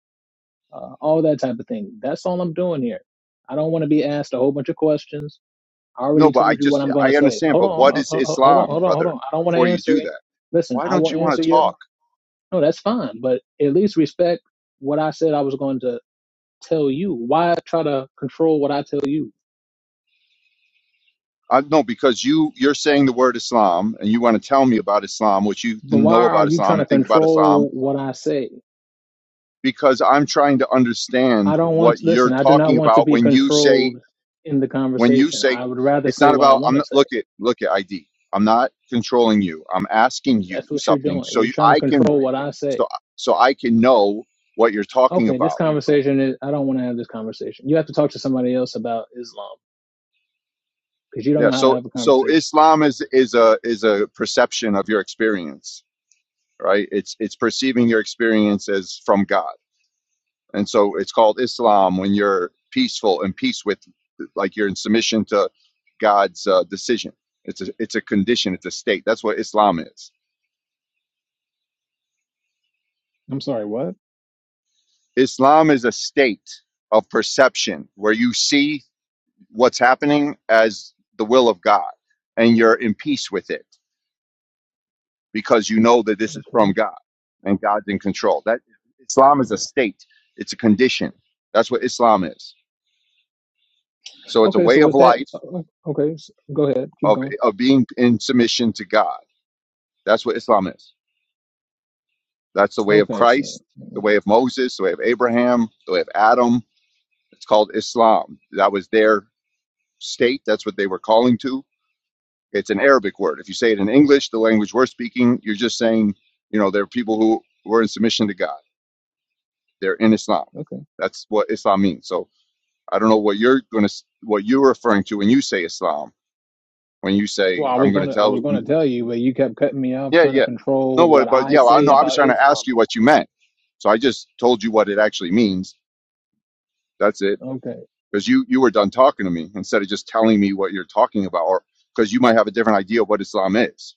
uh, all that type of thing that's all i'm doing here i don't want to be asked a whole bunch of questions I No, already but I told you what just I'm going to I say. understand. Hold But what on, is hold on, hold on, Islam, hold on, hold brother? on. I don't want to Before you answer do it. that, Listen, why I will don't you want answer to you. talk? No, that's fine, but at least respect what I said I was going to tell you. Why try to control what I tell you? I, no, because you you're saying the word Islam and you want to tell me about Islam, what you But why know are about you Islam trying to and think about Islam, control what I say? because I'm trying to I understand don't want what to you're listen. I do not talking want to about be when you say controlled in the when you conversation. say I would rather it's say not what I about. want I'm to not, say. look at look at ID. I'm not controlling you. I'm asking you That's what you're something doing. so You're you, trying to I can control what I say. so so I can know what you're talking Okay, this about conversation is. I don't want to have this conversation. You have to talk to somebody else about Islam because you don't Yeah, know how to so have a so conversation. Islam is is a is a perception of your experience, right? It's it's perceiving your experience as from God. And so it's called Islam when you're peaceful and peace with like you're in submission to God's uh, decision. It's a it's a condition, it's a state. That's what Islam is. I'm sorry, what? Islam is a state of perception where you see what's happening as the will of God and you're in peace with it. because you know that this is from Okay. God and God's in control. That Islam is a state, it's a condition. That's what Islam is. So it's a Okay, so way of with that, life uh, uh, okay, s go ahead, keep of going. of being in submission to God. That's what Islam is. That's the way of Okay, so Christ, the uh, way of Moses, the way of Abraham, the way of Adam. It's called Islam. That was their state. That's what they were calling to. It's an Arabic word. If you say it in English, the language we're speaking, you're just saying, you know, there are people who were in submission to God. They're in Islam. okay. That's what Islam means. So I don't know what you're going to what you're referring to when you say Islam. When you say Well, I I'm was going to gonna, I was tell, gonna tell you, but you kept cutting me off, yeah, trying to yeah, no, control what what, but I yeah, well, I say know. I was about trying to Islam. ask you what you meant, so I just told you what it actually means. That's it. Okay. Because you you were done talking to me instead of just telling me what you're talking about, or because you might have a different idea of what Islam is. It's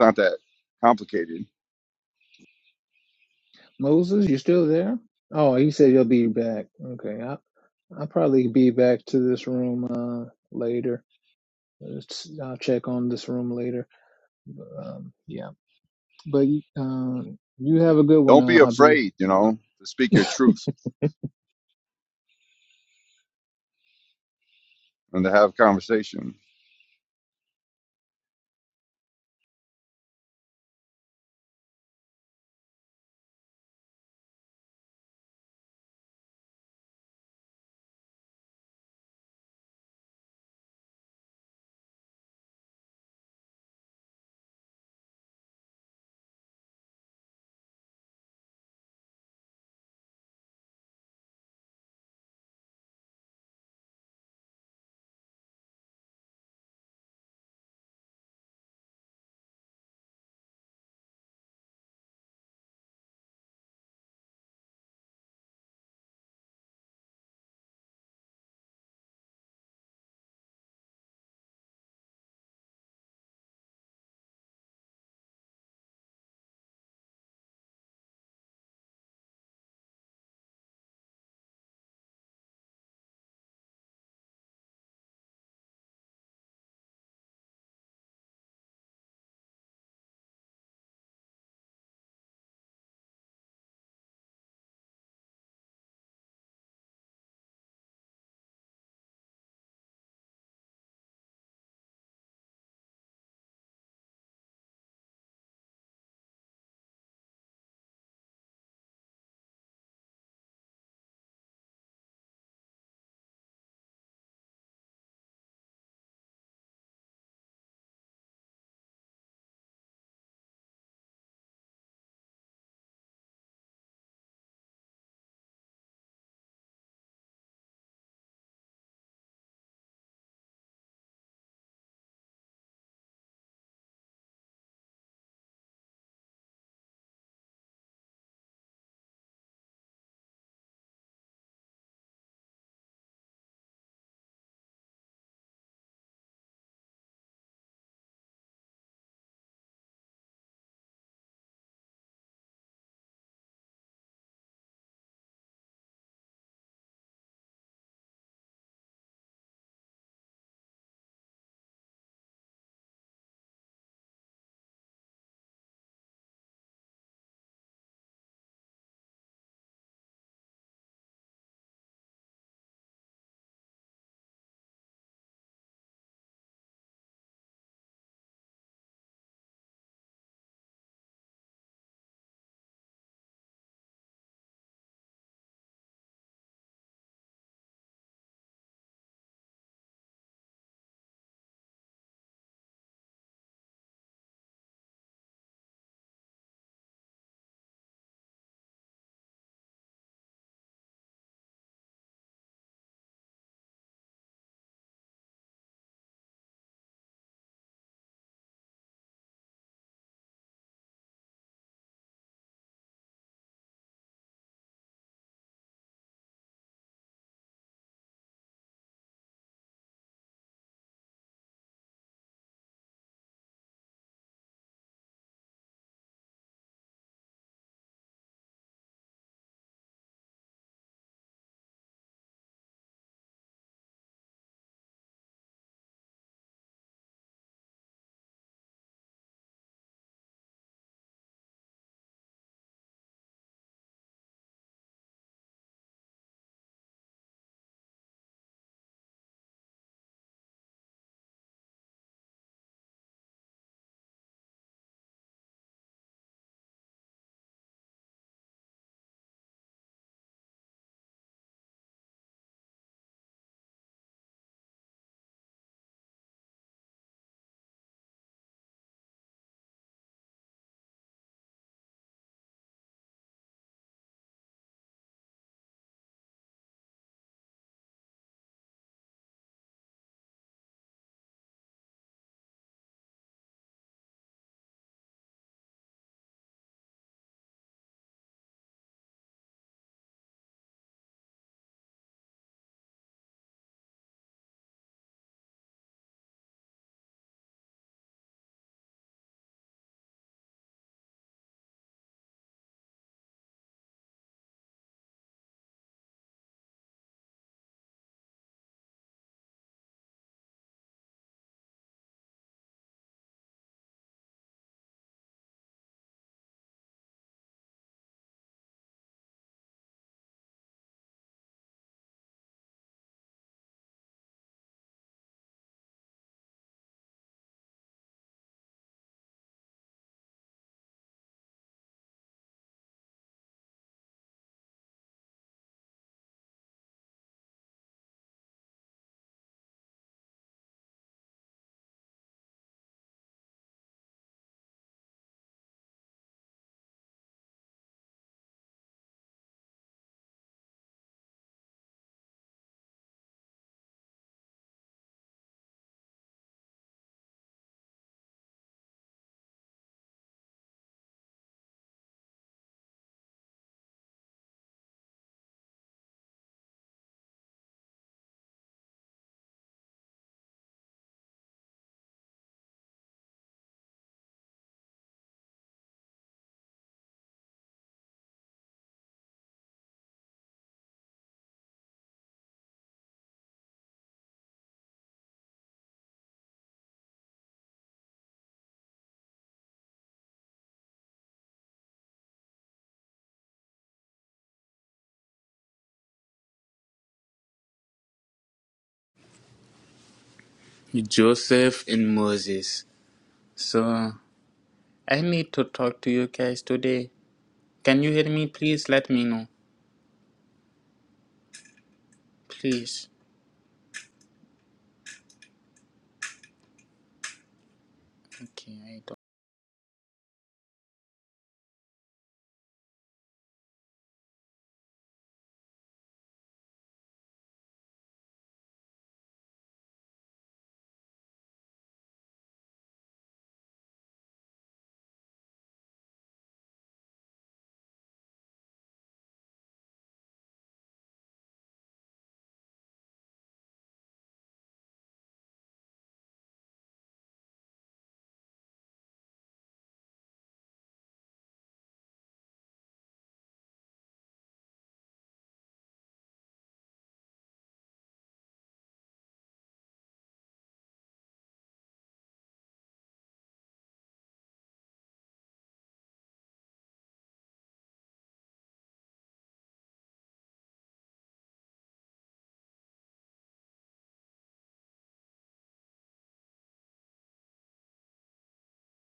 not that complicated. Moses, you still there? Oh, he said you'll be back. Okay, I, I'll probably be back to this room uh later. It's- I'll check on this room later. Um, yeah, but um, you have a good one, Don't uh, be Habib. afraid, you know, to speak your truth and to have conversation. Joseph and Moses. So I need to talk to you guys today. Can you hear me? Please let me know. Please. Okay. I